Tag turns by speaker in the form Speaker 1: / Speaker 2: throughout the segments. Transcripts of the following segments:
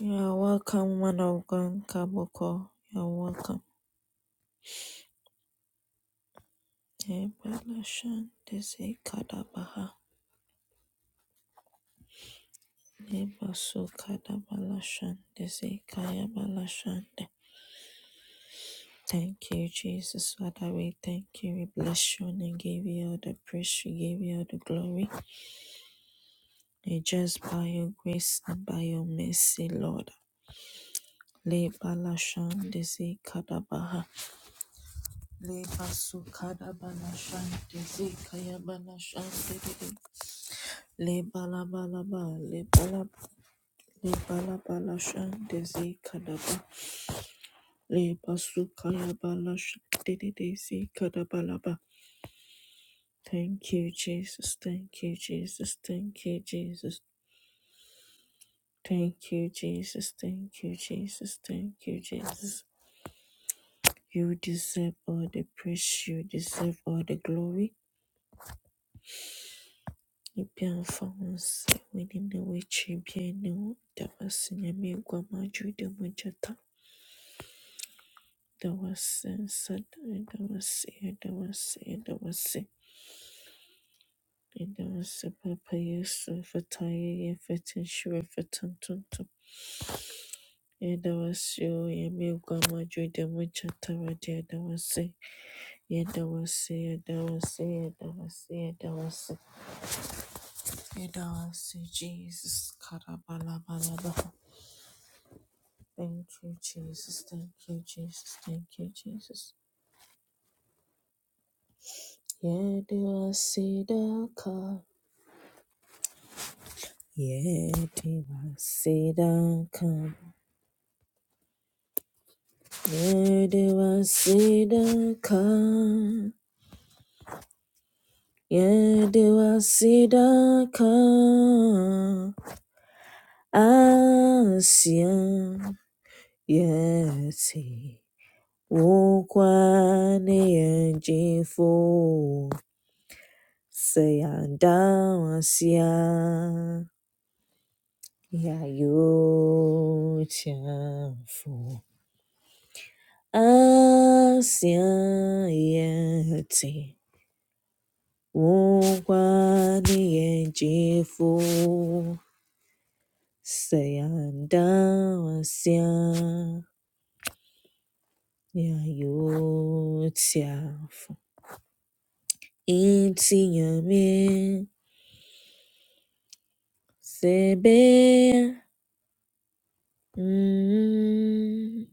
Speaker 1: You're welcome, man of God, Kaboko. You're welcome. Nebalashan, Desi Kadabaha. Nebasu Kadabalashan, Desi Kayabalashan. Thank you, Jesus. Father, we thank you. We bless you and give you all the praise. We give you all the glory. And just by your grace and by your mercy, Lord. Lebalashan, Desi Kadabaha. Lebasu Kadabalashan, Desi Kayabalashan. Le balabalaba, le balab, le balabalasha, desi kadaba, le basukaya balasha, dede desi kadabalaba. Thank you, Jesus. Thank you, Jesus. Thank you, Jesus. Thank you, Jesus. Thank you, Jesus. Thank you, Jesus. You deserve all the praise. You deserve all the glory. Ibi afahunse, wini ne wechi bi ne wo, dama sinyami guama jude mujata. Dawasi sada dawasi dawasi dawasi dawasi papa yesu fataya yefatin shura fatan tuntum dawasi o yemi gwamajo demu chatara dia dawasi ye dawasi ye dawasi ye dawasi ye dawasi ye dawasi Jesus karabala balaba thank you Jesus thank you Jesus thank you Jesus ye dawasi daka Yedewaseda-ka, yedewaseda-ka, yedewaseda-ka, Asia, yesi, wukwaneyenjifo, seyandawasia, yayotafo. Ansiedade, wungwaniyejifo, seyandawasia, nyayotiafo, intiyame, sebeya. Mm.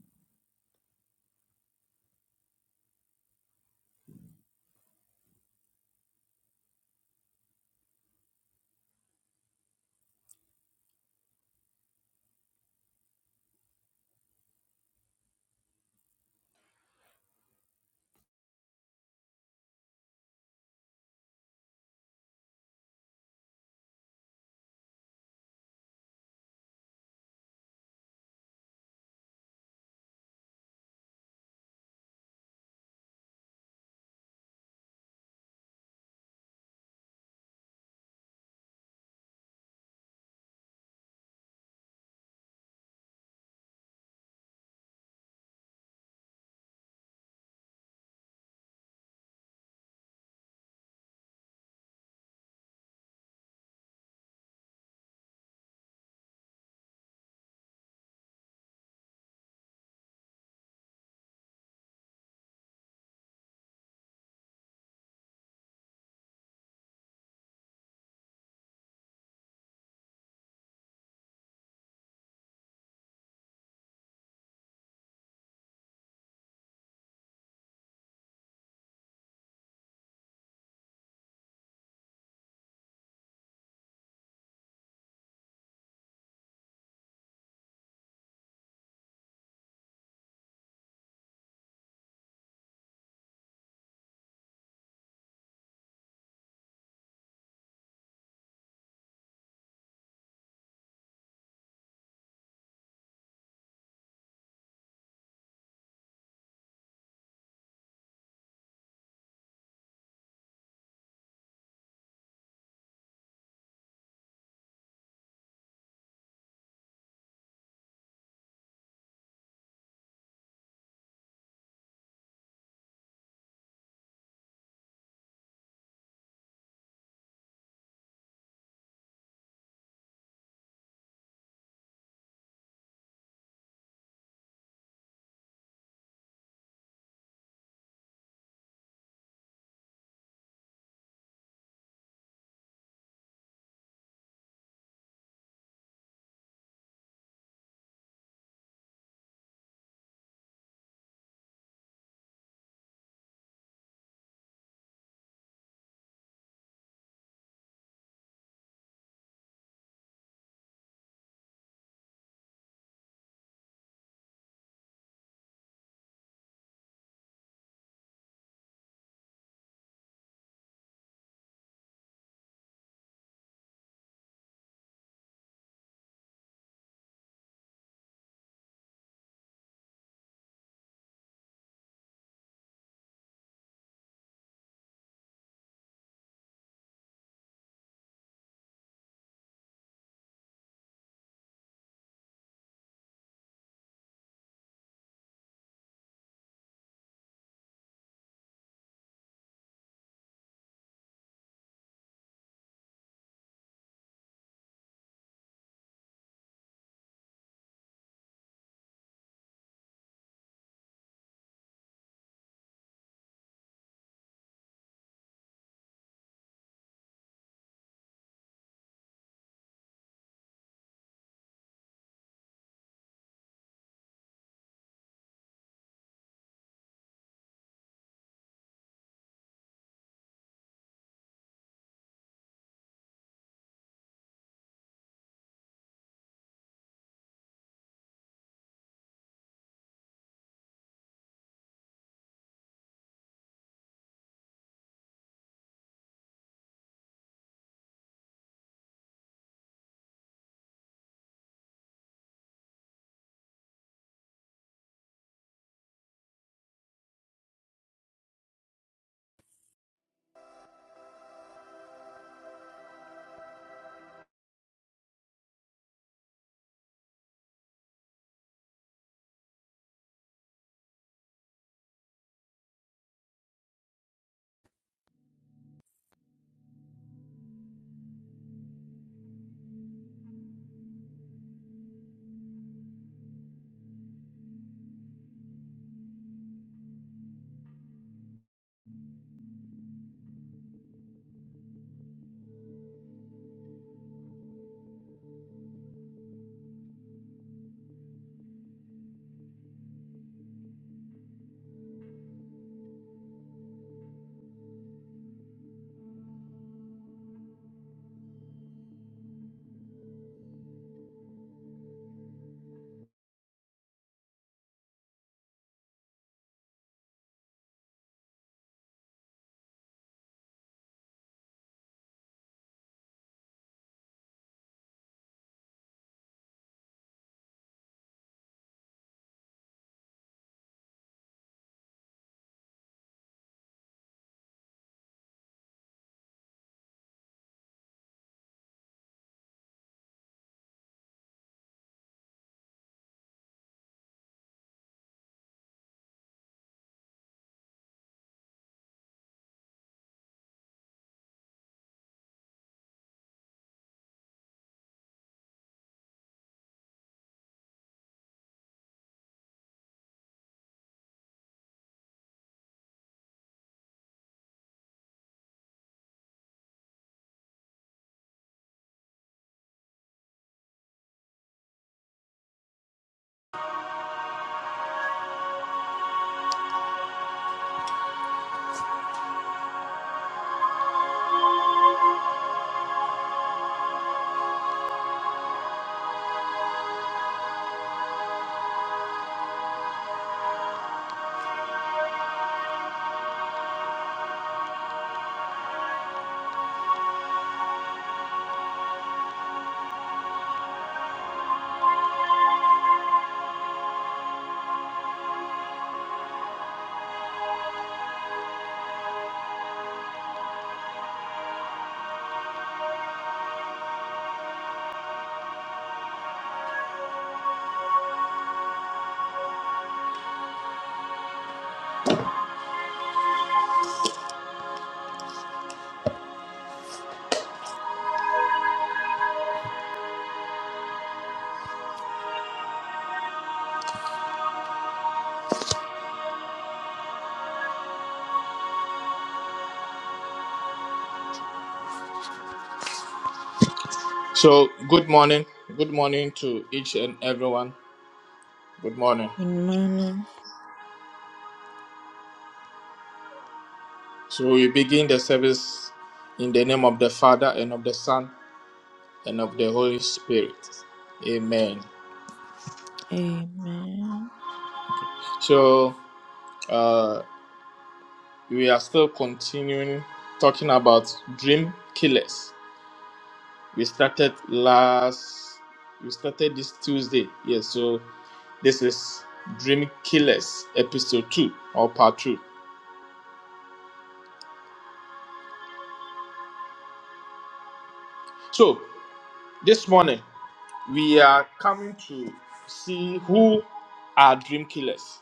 Speaker 2: So, good morning. Good morning to each and everyone. Good morning.
Speaker 1: Good morning.
Speaker 2: So, we begin the service in the name of the Father and of the Son and of the Holy Spirit. Amen.
Speaker 1: Amen.
Speaker 2: So, uh, we are still continuing talking about dream killers. We started last, we started this Tuesday. Yes, so this is Dream Killers episode 2 or part 2. So, this morning, we are coming to see who are dream killers.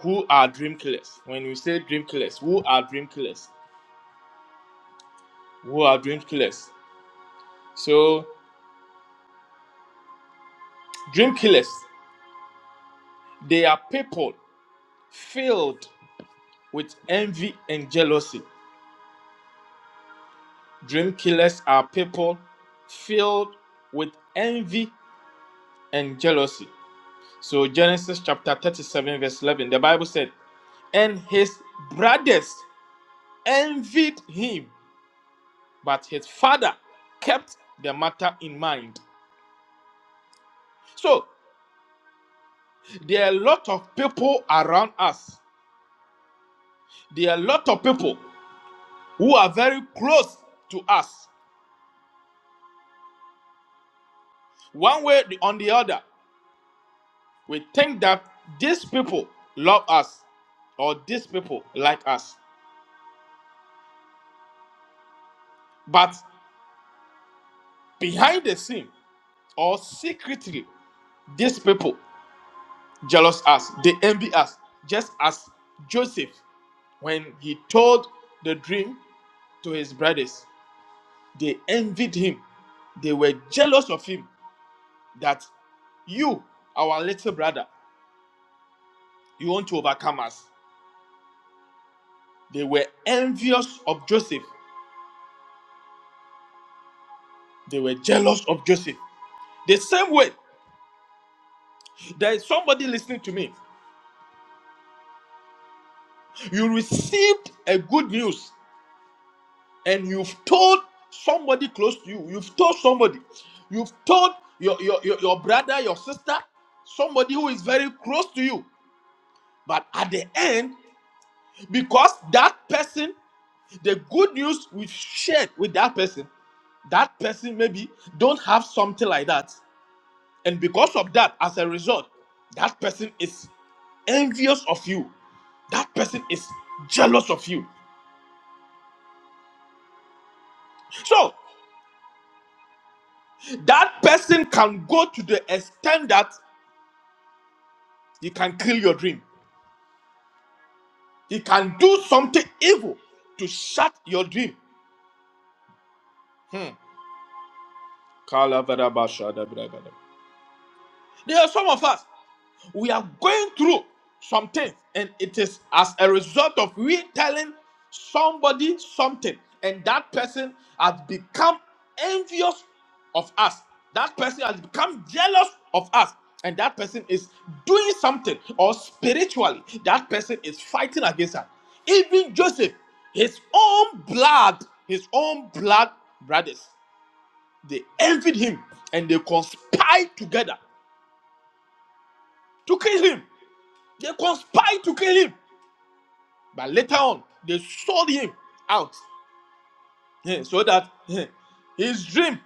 Speaker 2: Who are dream killers? When we say dream killers, who are dream killers? Who are dream killers? So, dream killers, they are people filled with envy and jealousy. Dream killers are people filled with envy and jealousy. So, Genesis chapter 37, verse 11, the Bible said, And his brothers envied him but his father kept the matter in mind. So there are a lot of people around us. There are a lot of people who are very close to us, one way or the other. We think that these people love us or these people like us, but behind the scene or secretly, these people jealous us. They envy us, just as Joseph when he told the dream to his brothers They envied him. They were jealous of him that you, our little brother, you want to overcome us. They were envious of Joseph. They were jealous of Joseph. The same way, there is somebody listening to me. You received a good news and you've told somebody close to you, you've told somebody, you've told your, your, your, your brother, your sister, somebody who is very close to you. But at the end, because that person the good news we shared with that person that person maybe don't have something like that and because of that as a result that person is envious of you that person is jealous of you so that person can go to the extent that he can kill your dream he can do something evil to shut your dream hmm. Kalavarabashadabragada. There are some of us, we are going through something, and it is as a result of we telling somebody something, and that person has become envious of us. That person has become jealous of us, and that person is doing something, or spiritually, that person is fighting against us. Even Joseph, his own blood, his own blood brothers, they envied him and they conspired together to kill him. They conspired to kill him. But later on, they sold him out eh, so that eh, his dream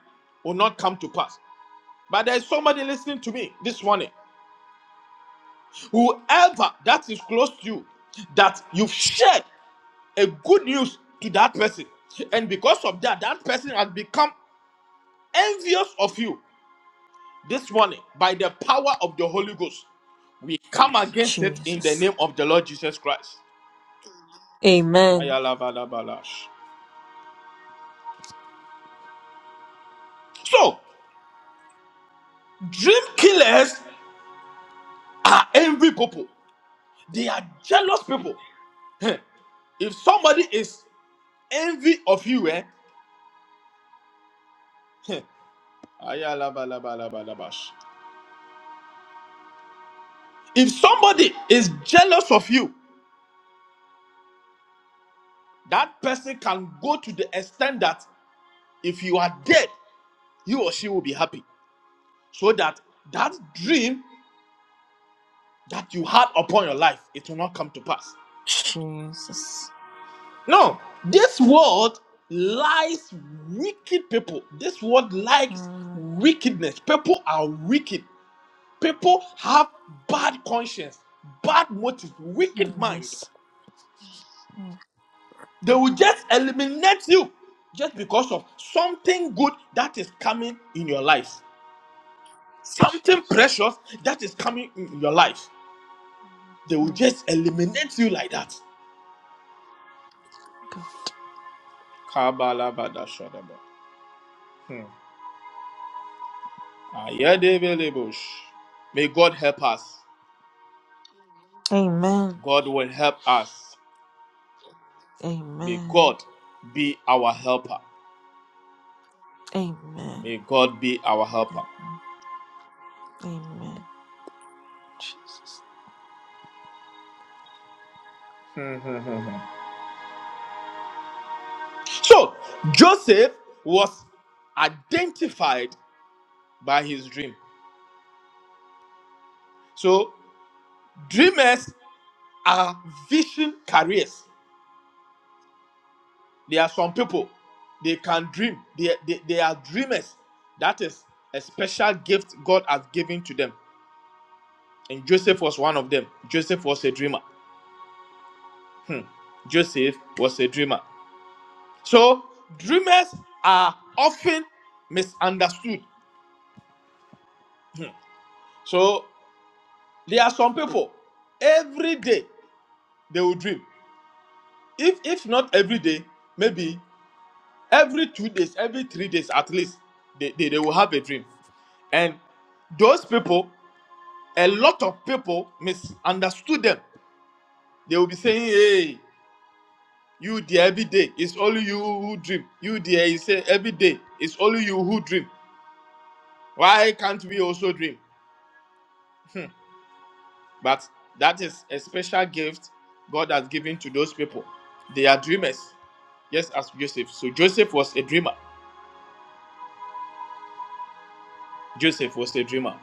Speaker 2: will not come to pass. But there's somebody listening to me this morning. Whoever that is close to you, that you've shared a good news to that person. And because of that, that person has become envious of you this morning by the power of the Holy Ghost. We come against it in the
Speaker 1: Jesus.
Speaker 2: name of the Lord Jesus Christ.
Speaker 1: Amen.
Speaker 2: Ayalabalabalash. So, Dream killers are envy people. They are jealous people. Heh. If somebody is envy of you, eh? heh, aya If somebody is jealous of you, that person can go to the extent that if you are dead, he or she will be happy. So that that dream that you had upon your life, it will not come to pass.
Speaker 1: Jesus.
Speaker 2: No, this world lies wicked people. This world likes
Speaker 1: Mm,
Speaker 2: wickedness. People are wicked. People have bad conscience, bad motive, wicked
Speaker 1: mm,
Speaker 2: mind.
Speaker 1: yes. Mm.
Speaker 2: They will just eliminate you just because of something good that is coming in your life. Something
Speaker 1: Jesus.
Speaker 2: precious that is coming in your life. They will
Speaker 1: Mm,
Speaker 2: just eliminate you like that.
Speaker 1: God.
Speaker 2: Kabalabadashadaba. Hmm. Ayadebelebosh. May God help us.
Speaker 1: Amen.
Speaker 2: God will help us. May
Speaker 1: Amen.
Speaker 2: God be our helper.
Speaker 1: Amen.
Speaker 2: May God be our helper.
Speaker 1: Amen. Amen. Jesus.
Speaker 2: So, Joseph was identified by his dream. So, dreamers are vision carriers. There are some people, they can dream, they, they, they are dreamers. That is a special gift God has given to them. And Joseph was one of them. Joseph was a dreamer. Hmm. Joseph was a dreamer. So dreamers are often misunderstood. So there are some people every day they will dream. If if not every day, maybe every two days, every three days at least, they, they, they will have a dream. And those people, a lot of people misunderstood them. They will be saying, Hey, you there every day. It's only you who dream. You there, you say every day. It's only you who dream. Why can't we also dream? But that is a special gift God has given to those people. They are dreamers, just as Joseph. So Joseph was a dreamer. Joseph was a dreamer.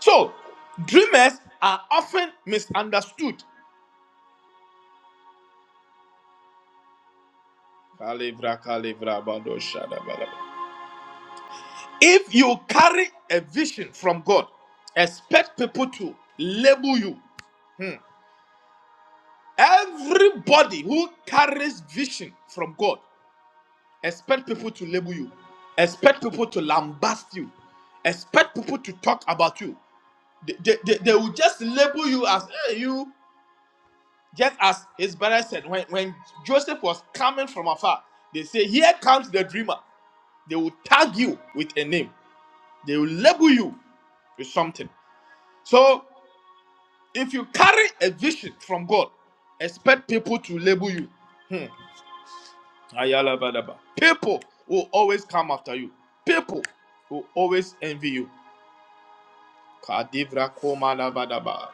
Speaker 2: So dreamers are often misunderstood. Kalibra, kalibra, bado, shada, bada. If you carry a vision from God, expect people to label you. Everybody who carries vision from God Expect people to label you. Expect people to lambast you. Expect people to talk about you. They, they, they, they will just label you as hey, you, just as his brother said. When, when Joseph was coming from afar, they say, Here comes the dreamer. They will tag you with a name, they will label you with something. So if you carry a vision from God, expect people to label you. Hmm. Ayala Badaba. People will always come after you. People will always envy you. Kadivra Koma Lavadaba.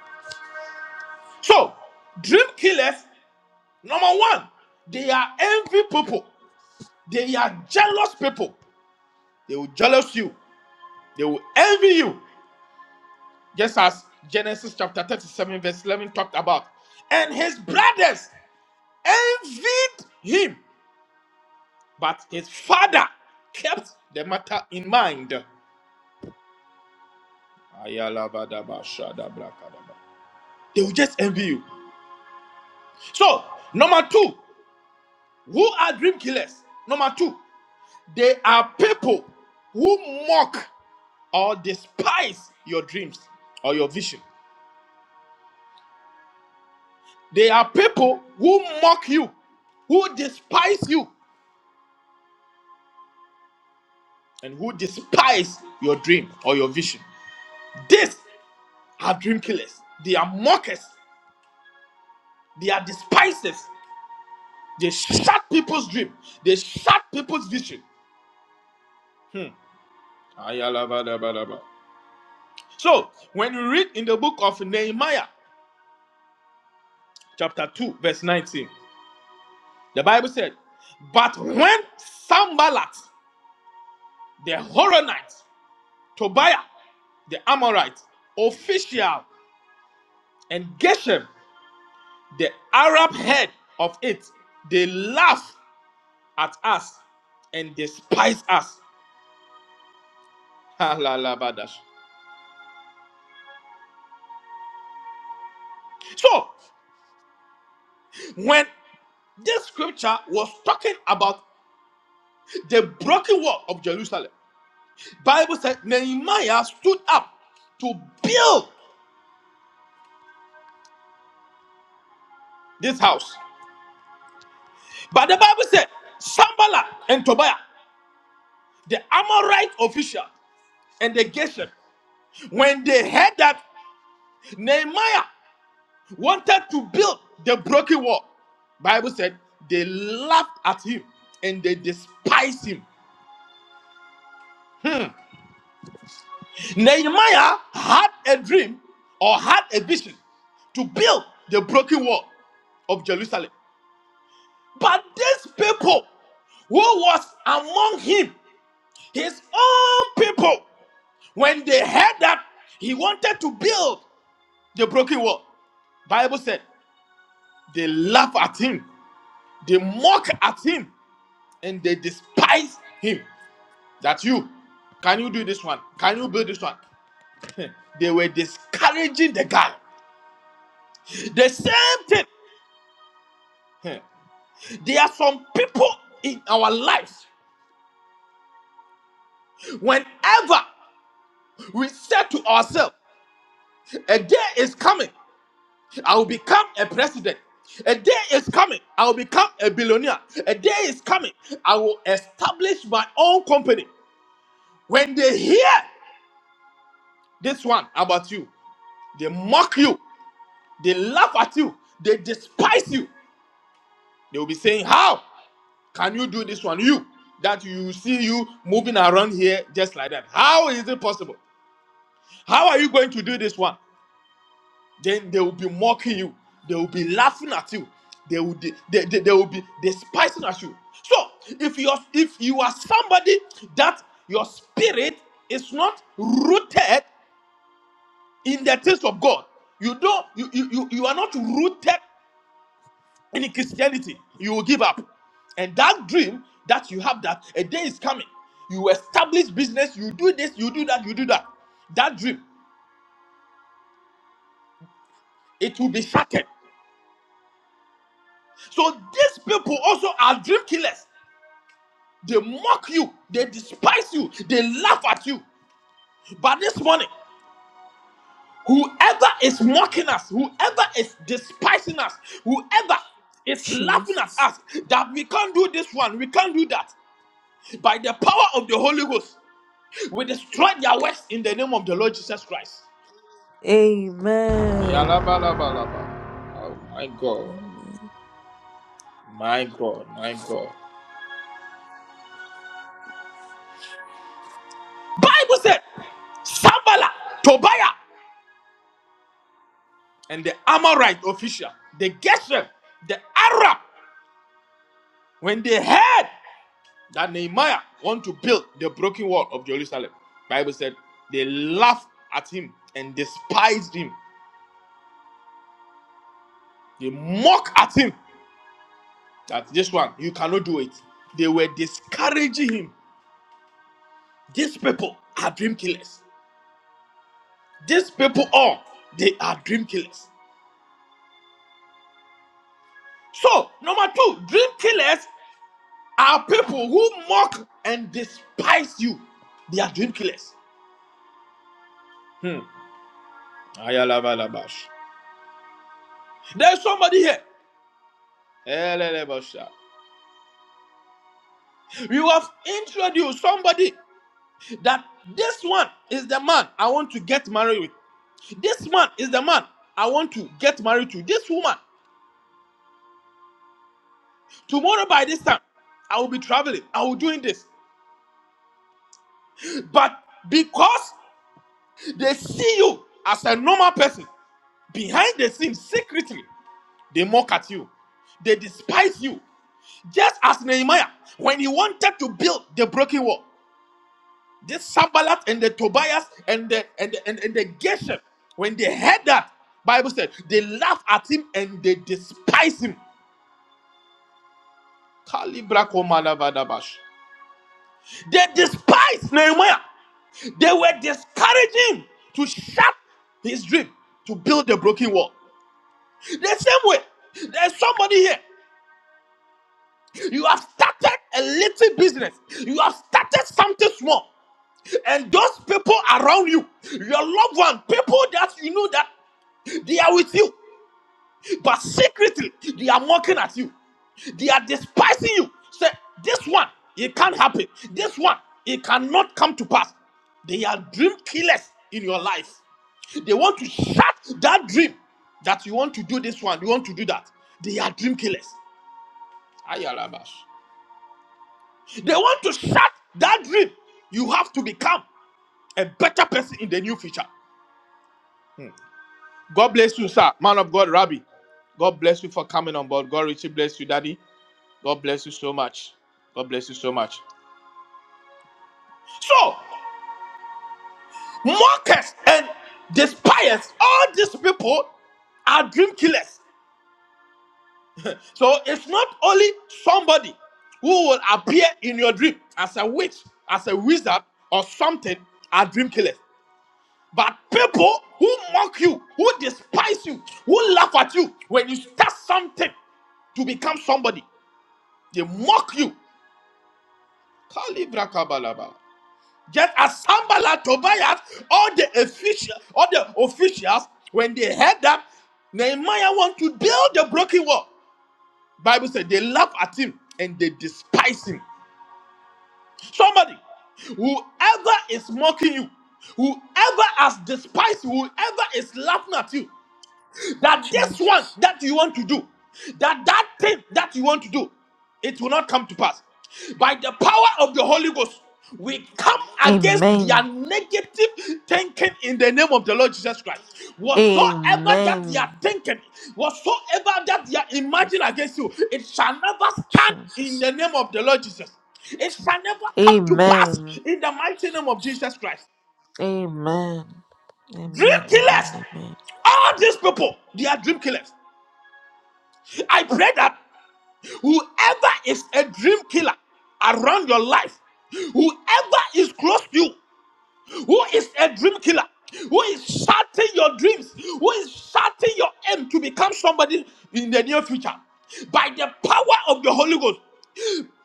Speaker 2: So, dream killers, number one, they are envy people. They are jealous people. They will jealous you. They will envy you. Just as Genesis chapter 37, verse 11 talked about. And his brothers envied him, but his father kept the matter in mind. Ayalabadaba, They will just envy you. So, number two, who are dream killers? Number two, they are people who mock or despise your dreams or your vision. They are people who mock you, who despise you, and who despise your dream or your vision. These are dream killers. They are mockers. They are despisers. They shut people's dream. They shut people's vision. Hmm. Ayalabadabadaba. So, when you read in the book of Nehemiah, chapter 2, verse 19, the Bible said, But when Sambalat, the Horonite, Tobiah, the Amorite, official, and Geshem, the Arab head of it, they laugh at us and despise us. Alalabadash. So, when this scripture was talking about the broken wall of Jerusalem, Bible said Nehemiah stood up to build this house. But the Bible said Sambala and Tobiah, the Amorite official and the Geshem, when they heard that Nehemiah wanted to build the broken wall, Bible said they laughed at him and they despised him. Nehemiah had a dream or had a vision to build the broken wall of Jerusalem. But these people who was among him, his own people, when they heard that he wanted to build the broken wall, Bible said they laugh at him, they mock at him, and they despise him. That you can you do this one? Can you build this one? they were discouraging the guy. The same thing. There are some people in our lives. Whenever we said to ourselves. A day is coming. I will become a president. A day is coming. I will become a billionaire. A day is coming. I will establish my own company. When they hear this one about you, they mock you, they laugh at you, they despise you. They will be saying, How can you do this one? You that you see you moving around here just like that. How is it possible? How are you going to do this one? then they will be mocking you they will be laughing at you they will de- they, they, they will be despising at you so if you are if you are somebody that your spirit is not rooted in the things of god you don't you you, you, you are not rooted in christianity you will give up and that dream that you have that a day is coming you establish business you do this you do that you do that that dream it will be shattered so these people also are dream killers They mock you, they despise you, they laugh at you. But this morning, whoever is mocking us, whoever is despising us, whoever is laughing at
Speaker 1: Jesus.
Speaker 2: us, that we can't do this one, we can't do that. By the power of the Holy Ghost, we destroy their works in the name of the Lord Jesus Christ.
Speaker 1: Amen. Amen.
Speaker 2: My God, my God. Bible said, Sambala, Tobiah, and the Amorite official, the Geshem, the Arab, when they heard. that Nehemiah want to build the broken wall of Jerusalem. Bible said they laugh at him and despised him. They mock at him that this one you cannot do it. They were discouraging him. These people are dream killers. These people all they are dream killers. So number two, dream killers are people who mock and despise you. They are dream killers. Hmm. Ayala balabash. There's somebody here. You have introduced somebody that this one is the man I want to get married with. This man is the man I want to get married to. This woman, tomorrow by this time, I will be traveling. I will doing this. But because they see you as a normal person, behind the scenes, secretly, they mock at you. They despise you. Just as Nehemiah, when he wanted to build the broken wall. this Sambalat and the Tobias and the and the, and, and the Geshem, when they heard that, Bible said they laughed at him and they despise him. Kalibra komalavadabash. They despise Nehemiah. They were discouraging him to shut his dream to build the broken wall. The same way, there's somebody here. You have started a little business. You have started something small. And those people around you, your loved one, people that you know that they are with you, but secretly they are mocking at you. They are despising you. Say, this one, it can't happen. This one, it cannot come to pass. They are dream killers in your life. They want to shut that dream that you want to do this one, you want to do that. They are dream killers. Ayalabash. They want to shut that dream. You have to become a better person in the new future. God bless you, sir. Man of God, Rabbi. God bless you for coming on board. God richly bless you, Daddy. God bless you so much. God bless you so much. So, mockers and despisers, all these people are dream killers. So, it's not only somebody who will appear in your dream as a witch, as a wizard, or something are dream killers. But people who mock you, who despise you, who laugh at you when you start something to become somebody. They mock you. Kalibra kabalaba. Just as Sambala, Tobias, all the official, all the officials, when they heard that Nehemiah want to build the broken wall, Bible said they laugh at him and they despise him. Somebody, whoever is mocking you, whoever has despised you, whoever is laughing at you, that this one
Speaker 1: Jesus.
Speaker 2: that you want to do, that that thing that you want to do, it will not come to pass. By the power of the Holy Ghost, we come against their
Speaker 1: Amen.
Speaker 2: negative thinking in the name of the Lord Jesus Christ. Whatsoever that they are
Speaker 1: Amen.
Speaker 2: thinking, whatsoever that they are
Speaker 1: Jesus.
Speaker 2: imagining against you, it shall never stand in
Speaker 1: Jesus.
Speaker 2: the name of the Lord Jesus. It shall never come to pass
Speaker 1: Amen.
Speaker 2: in the mighty name of Jesus Christ.
Speaker 1: Amen. Amen.
Speaker 2: Dream
Speaker 1: Amen.
Speaker 2: killers,
Speaker 1: Amen.
Speaker 2: all these people, they are dream killers. I pray that whoever is a dream killer around your life, whoever is close to you, who is a dream killer, who is shutting your dreams, who is shutting your aim to become somebody in the near future, by the power of the Holy Ghost,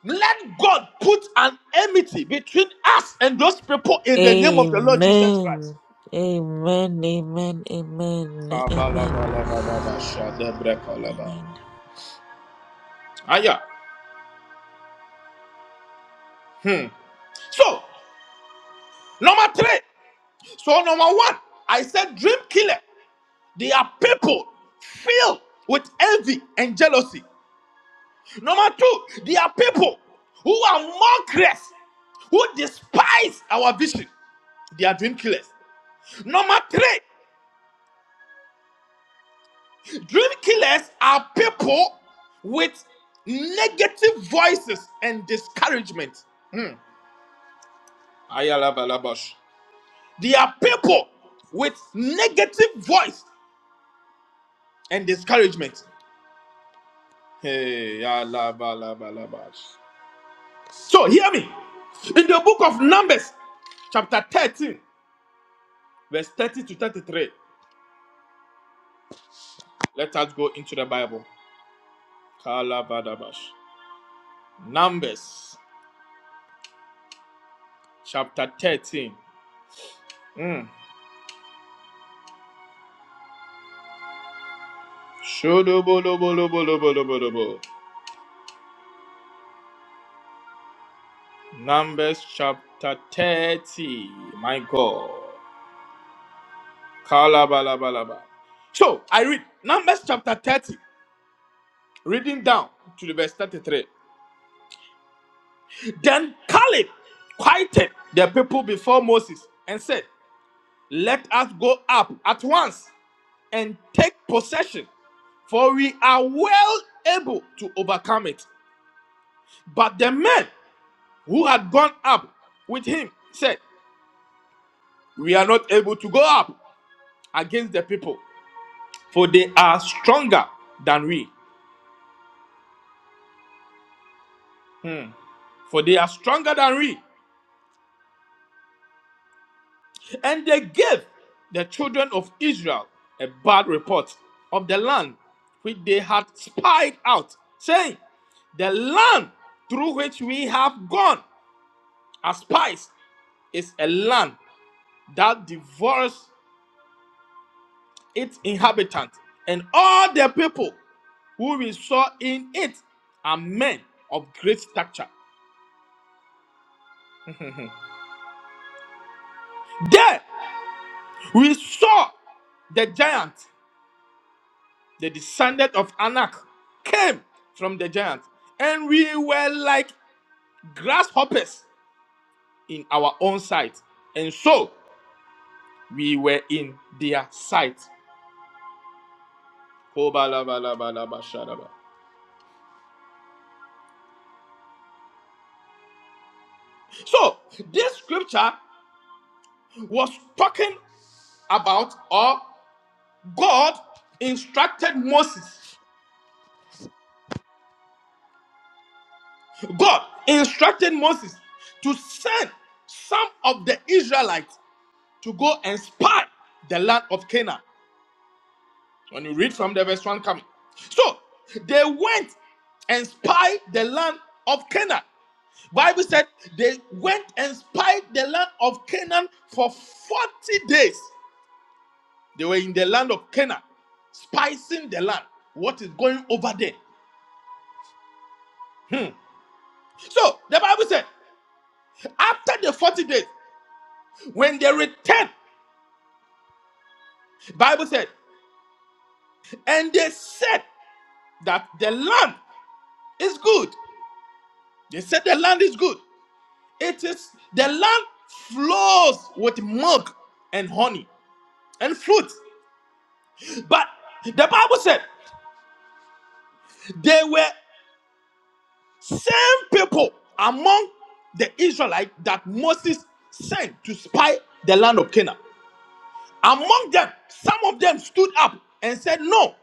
Speaker 2: let God put an enmity between us and those people in the name of the Lord Jesus Christ.
Speaker 1: Amen. Amen. Amen. Amen.
Speaker 2: Kabalabalabalabashadebrekolaba.
Speaker 1: Amen.
Speaker 2: Ah, yeah. So, number three. So, number one, I said dream killer. They are people filled with envy and jealousy. Number two, they are people who are mockers, who despise our vision. They are dream killers. Number three, dream killers are people with negative voices and discouragement. Ayalabalabash. They are people with negative voice and discouragement. Hey, alabalabalabas. So hear me. In the book of Numbers, chapter 13, verse 30 to 33. Let us go into the Bible. Kalabadabash. Numbers chapter 13. Mm. Shodobolobolobolobolobolobo. Numbers chapter 30. My God. Kalabalabalaba. So I read Numbers chapter 30, reading down to the verse 33. Then Caleb quieted the people before Moses and said, Let us go up at once and take possession, for we are well able to overcome it. But the men who had gone up with him said, We are not able to go up against the people, for they are stronger than we. For they are stronger than we. And they gave the children of Israel a bad report of the land which they had spied out, saying, The land through which we have gone as spies is a land that devours its inhabitants, and all the people who we saw in it are men of great stature. There we saw the giant the descendant of Anak, came from the giant, and we were like grasshoppers in our own sight, and so we were in their sight. Kobalabalabashadaba. So, this scripture was talking about or God instructed Moses. God instructed Moses to send some of the Israelites to go and spy the land of Canaan. When you read from the verse 1 coming. So they went and spied the land of Canaan. Bible said they went and spied the land of Canaan for 40 days. They were in the land of Canaan, spicing the land. What is going over there? Hmm. So the Bible said, after the 40 days, when they returned, Bible said, and they said that the land is good. They said the land is good. It is the land flows with milk and honey and fruit. But the Bible said they were same people among the Israelites that Moses sent to spy the land of Canaan. Among them, some of them stood up and said, No,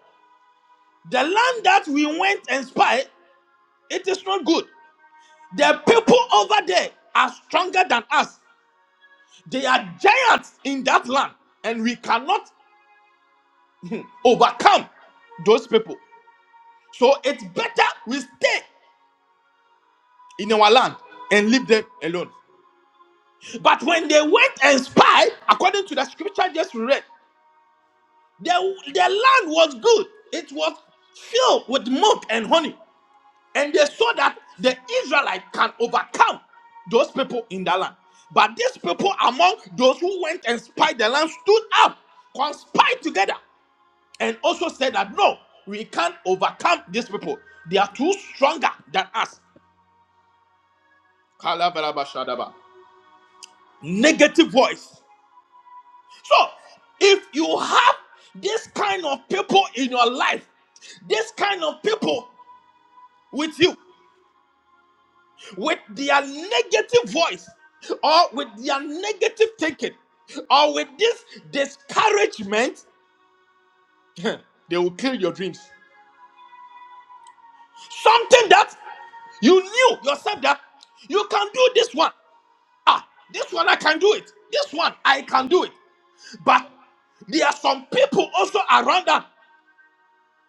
Speaker 2: the land that we went and spied, it is not good. The people over there are stronger than us. They are giants in that land, and we cannot overcome those people. So it's better we stay in our land and leave them alone. But when they went and spied, according to the scripture just read, their, their land was good. It was filled with milk and honey. And they saw that the Israelite can overcome those people in the land. But these people among those who went and spied the land stood up, conspired together and also said that no, we can't overcome these people. They are too stronger than us. Kalabalabashadaba. Negative voice. So, if you have this kind of people in your life, this kind of people with you, with their negative voice, or with their negative thinking, or with this discouragement, they will kill your dreams. Something that you knew yourself that you can do this one. Ah, this one I can do it. This one I can do it. But there are some people also around them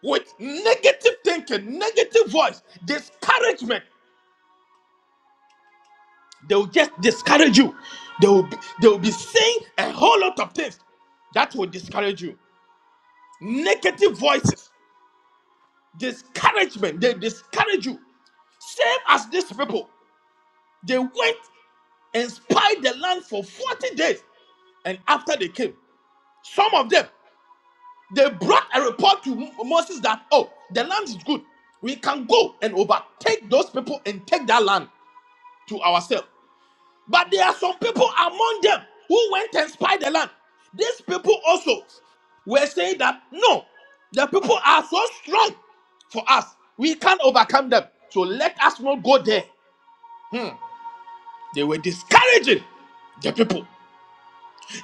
Speaker 2: with negative thinking, negative voice, discouragement. They will just discourage you. They will be, they will be saying a whole lot of things that will discourage you. Negative voices, discouragement. They discourage you. Same as these people. They went and spied the land for 40 days. And after they came, some of them. They brought a report to Moses that, oh, the land is good. We can go and overtake those people and take that land to ourselves. But there are some people among them who went and spied the land. These people also were saying that, no, the people are so strong for us. We can't overcome them. So let us not go there. They were discouraging the people.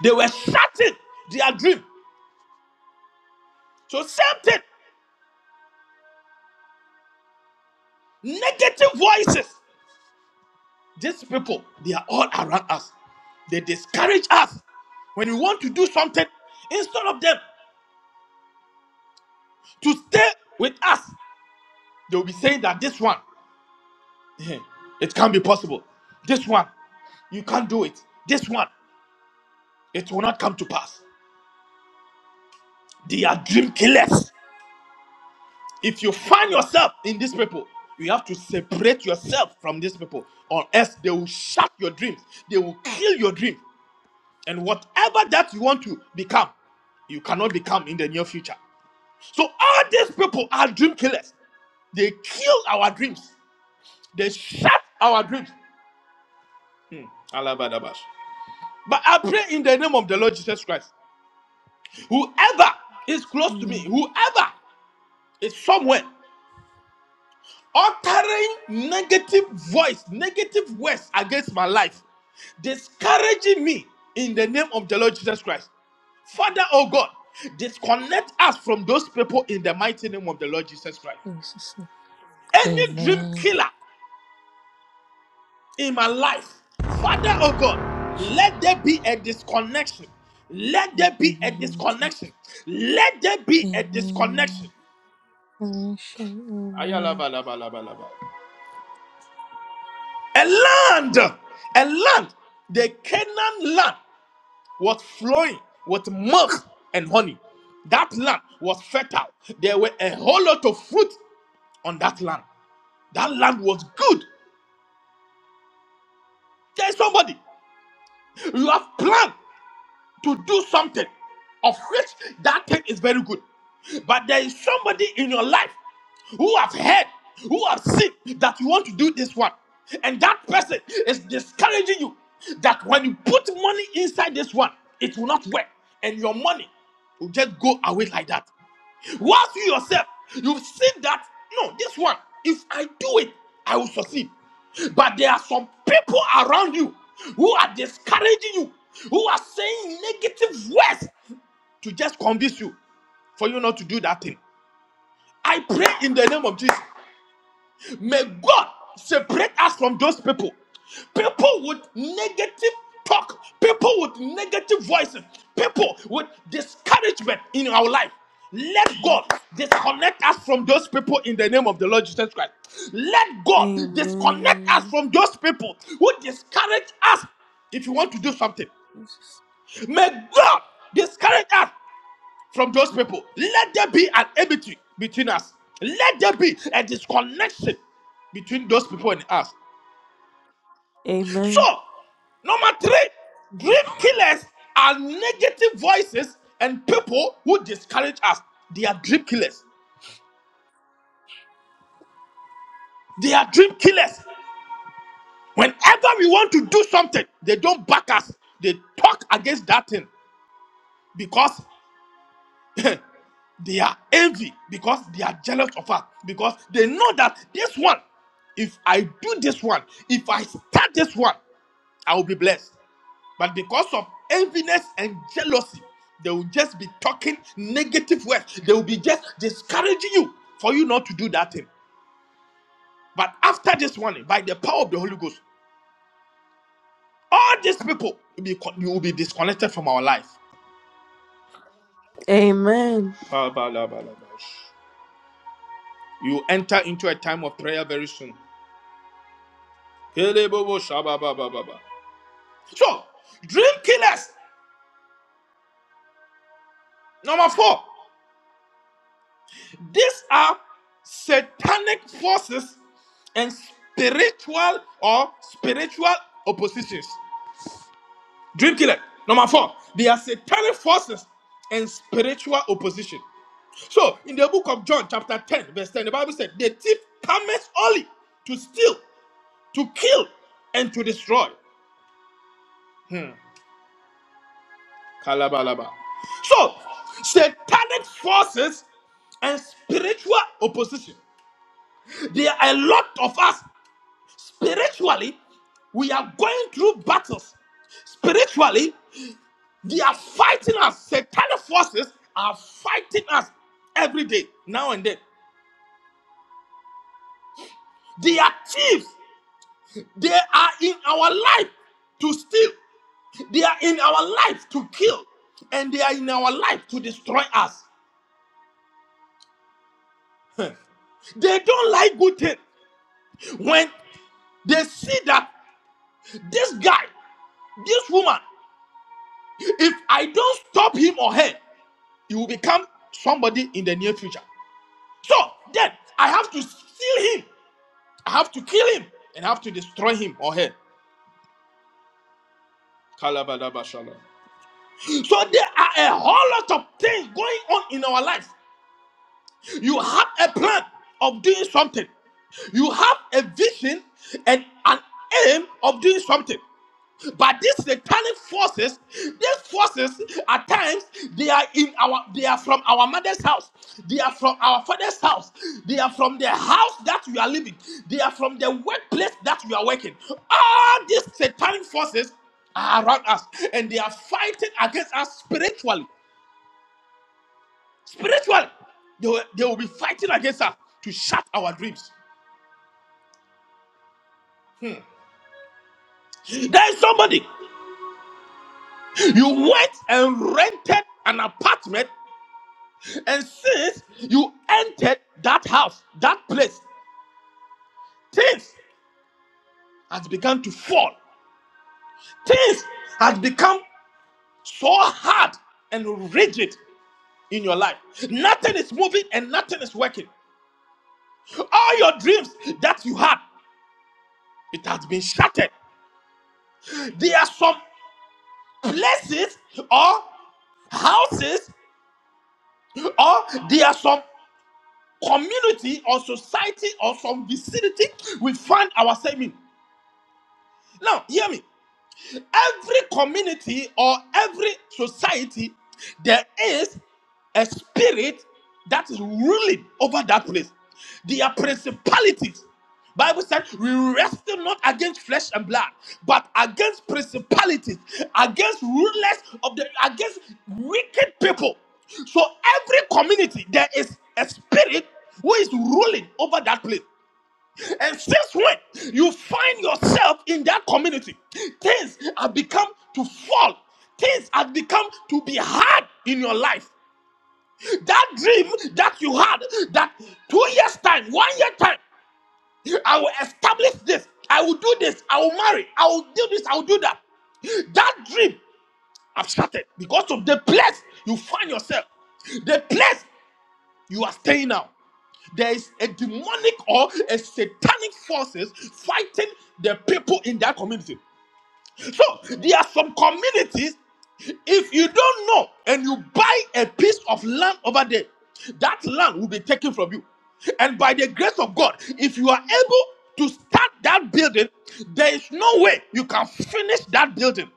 Speaker 2: They were shattering their dream. So same thing. Negative voices. These people, they are all around us. They discourage us. When we want to do something, instead of them to stay with us, they'll be saying that this one, eh, it can't be possible. This one, you can't do it. This one, it will not come to pass. They are dream killers. If you find yourself in these people, you have to separate yourself from these people, or else they will shut your dreams. They will kill your dreams. And whatever that you want to become, you cannot become in the near future. So all these people are dream killers. They kill our dreams. They shut our dreams. Alabadabash. But I pray in the name of the Lord Jesus Christ. Whoever is close to me,
Speaker 1: Amen.
Speaker 2: whoever is somewhere, uttering negative voice, negative words against my life, discouraging me in the name of the Lord Jesus Christ. Father, oh God, disconnect us from those people in the mighty name of the Lord Jesus Christ.
Speaker 1: Jesus' name.
Speaker 2: Any dream
Speaker 1: Amen.
Speaker 2: killer in my life, Father, oh God, let there be a disconnection. Let
Speaker 1: In
Speaker 2: there
Speaker 1: the
Speaker 2: be a
Speaker 1: name of
Speaker 2: disconnection.
Speaker 1: Jesus.
Speaker 2: Let there be a disconnection.
Speaker 1: Amen. Revelation.
Speaker 2: Ayalabalabalabalaba. a land, a land, the Canaan land was flowing with milk and honey. That land was fertile. There were a whole lot of fruit on that land. That land was good. There's somebody you have planned. to do something of which that thing is very good. But there is somebody in your life who have heard, who have seen that you want to do this one. And that person is discouraging you that when you put money inside this one, it will not work. And your money will just go away like that. Whilst you yourself, you've seen that, no, this one, if I do it, I will succeed. But there are some people around you who are discouraging you, who are saying negative words to just convince you for you not to do that thing. I pray in the name of Jesus. May God separate us from those people. People with negative talk, people with negative voices, people with discouragement in our life. Let God disconnect us from those people in the name of the Lord Jesus Christ. Let
Speaker 1: Amen.
Speaker 2: God disconnect us
Speaker 1: Amen.
Speaker 2: from those people who discourage us if you want to do something.
Speaker 1: Jesus.
Speaker 2: May God discourage us from those people. Let there be an enmity between us. Let there be a disconnection between those people and us. So,
Speaker 1: Amen.
Speaker 2: number three, dream killers are negative voices and people who discourage us. They are dream killers. They are dream killers. Whenever we want to do something, they don't back us. They talk against that thing because. they are envy because they are jealous of us because they know that this one if i do this one if i start this one i will be blessed but because of enviness and jealousy they will just be talking negative words they will be just discouraging you for you not to do that thing but after this one by the power of the holy ghost all these people will be you will be disconnected from our life
Speaker 1: Amen.
Speaker 2: Ba, ba, la, ba, la, ba. you enter into a time of prayer very soon Kelebobo shababababa. So, dream killers, number four, these are satanic forces and spiritual or spiritual oppositions. Dream killer, number four, they are satanic forces and spiritual opposition. So, in the book of John, chapter 10, verse 10, the Bible said, The thief cometh only to steal, to kill, and to destroy. Kalabalaba. So, satanic forces and spiritual opposition. There are a lot of us spiritually, we are going through battles. Spiritually, they are fighting us. Satanic forces are fighting us every day, now and then. They are thieves. They are in our life to steal. They are in our life to kill. And they are in our life to destroy us. They don't like good things. When they see that this guy, this woman, if I don't stop him or her, he will become somebody in the near future. So then I have to steal him, I have to kill him, and I have to destroy him or her. Kalabadabashala. So there are a whole lot of things going on in our life. You have a plan of doing something. You have a vision and an aim of doing something. But these satanic forces, these forces at times they are in our they are from our mother's house, they are from our father's house, they are from the house that we are living, they are from the workplace that we are working. All these satanic forces are around us and they are fighting against us spiritually. Spiritually, they will, they will be fighting against us to shut our dreams. There is somebody you went and rented an apartment And since you entered that house, that place, things has begun to fall. Things has become so hard and rigid in your life. Nothing is moving and nothing is working. All your dreams that you had, it has been shattered. There are some places or houses or there are some community or society or some vicinity we find ourselves in. Now, hear me. in every community or every society, there is a spirit that is ruling over that place. They are principalities. Bible said we wrestle not against flesh and blood, but against principalities, against rulers of the against wicked people. So every community there is a spirit who is ruling over that place. And since when you find yourself in that community, things have become to fall. Things have become to be hard in your life. That dream that you had, that two years' time, one year time, I will establish this, I will do this, I will marry, I will do this, I will do that. That dream I've shattered because of the place you find yourself. The place you are staying now. There is a demonic or a satanic forces fighting the people in that community. So there are some communities if you don't know and you buy a piece of land over there, that land will be taken from you. And by the grace of God, if you are able to start that building, there is no way you can finish that building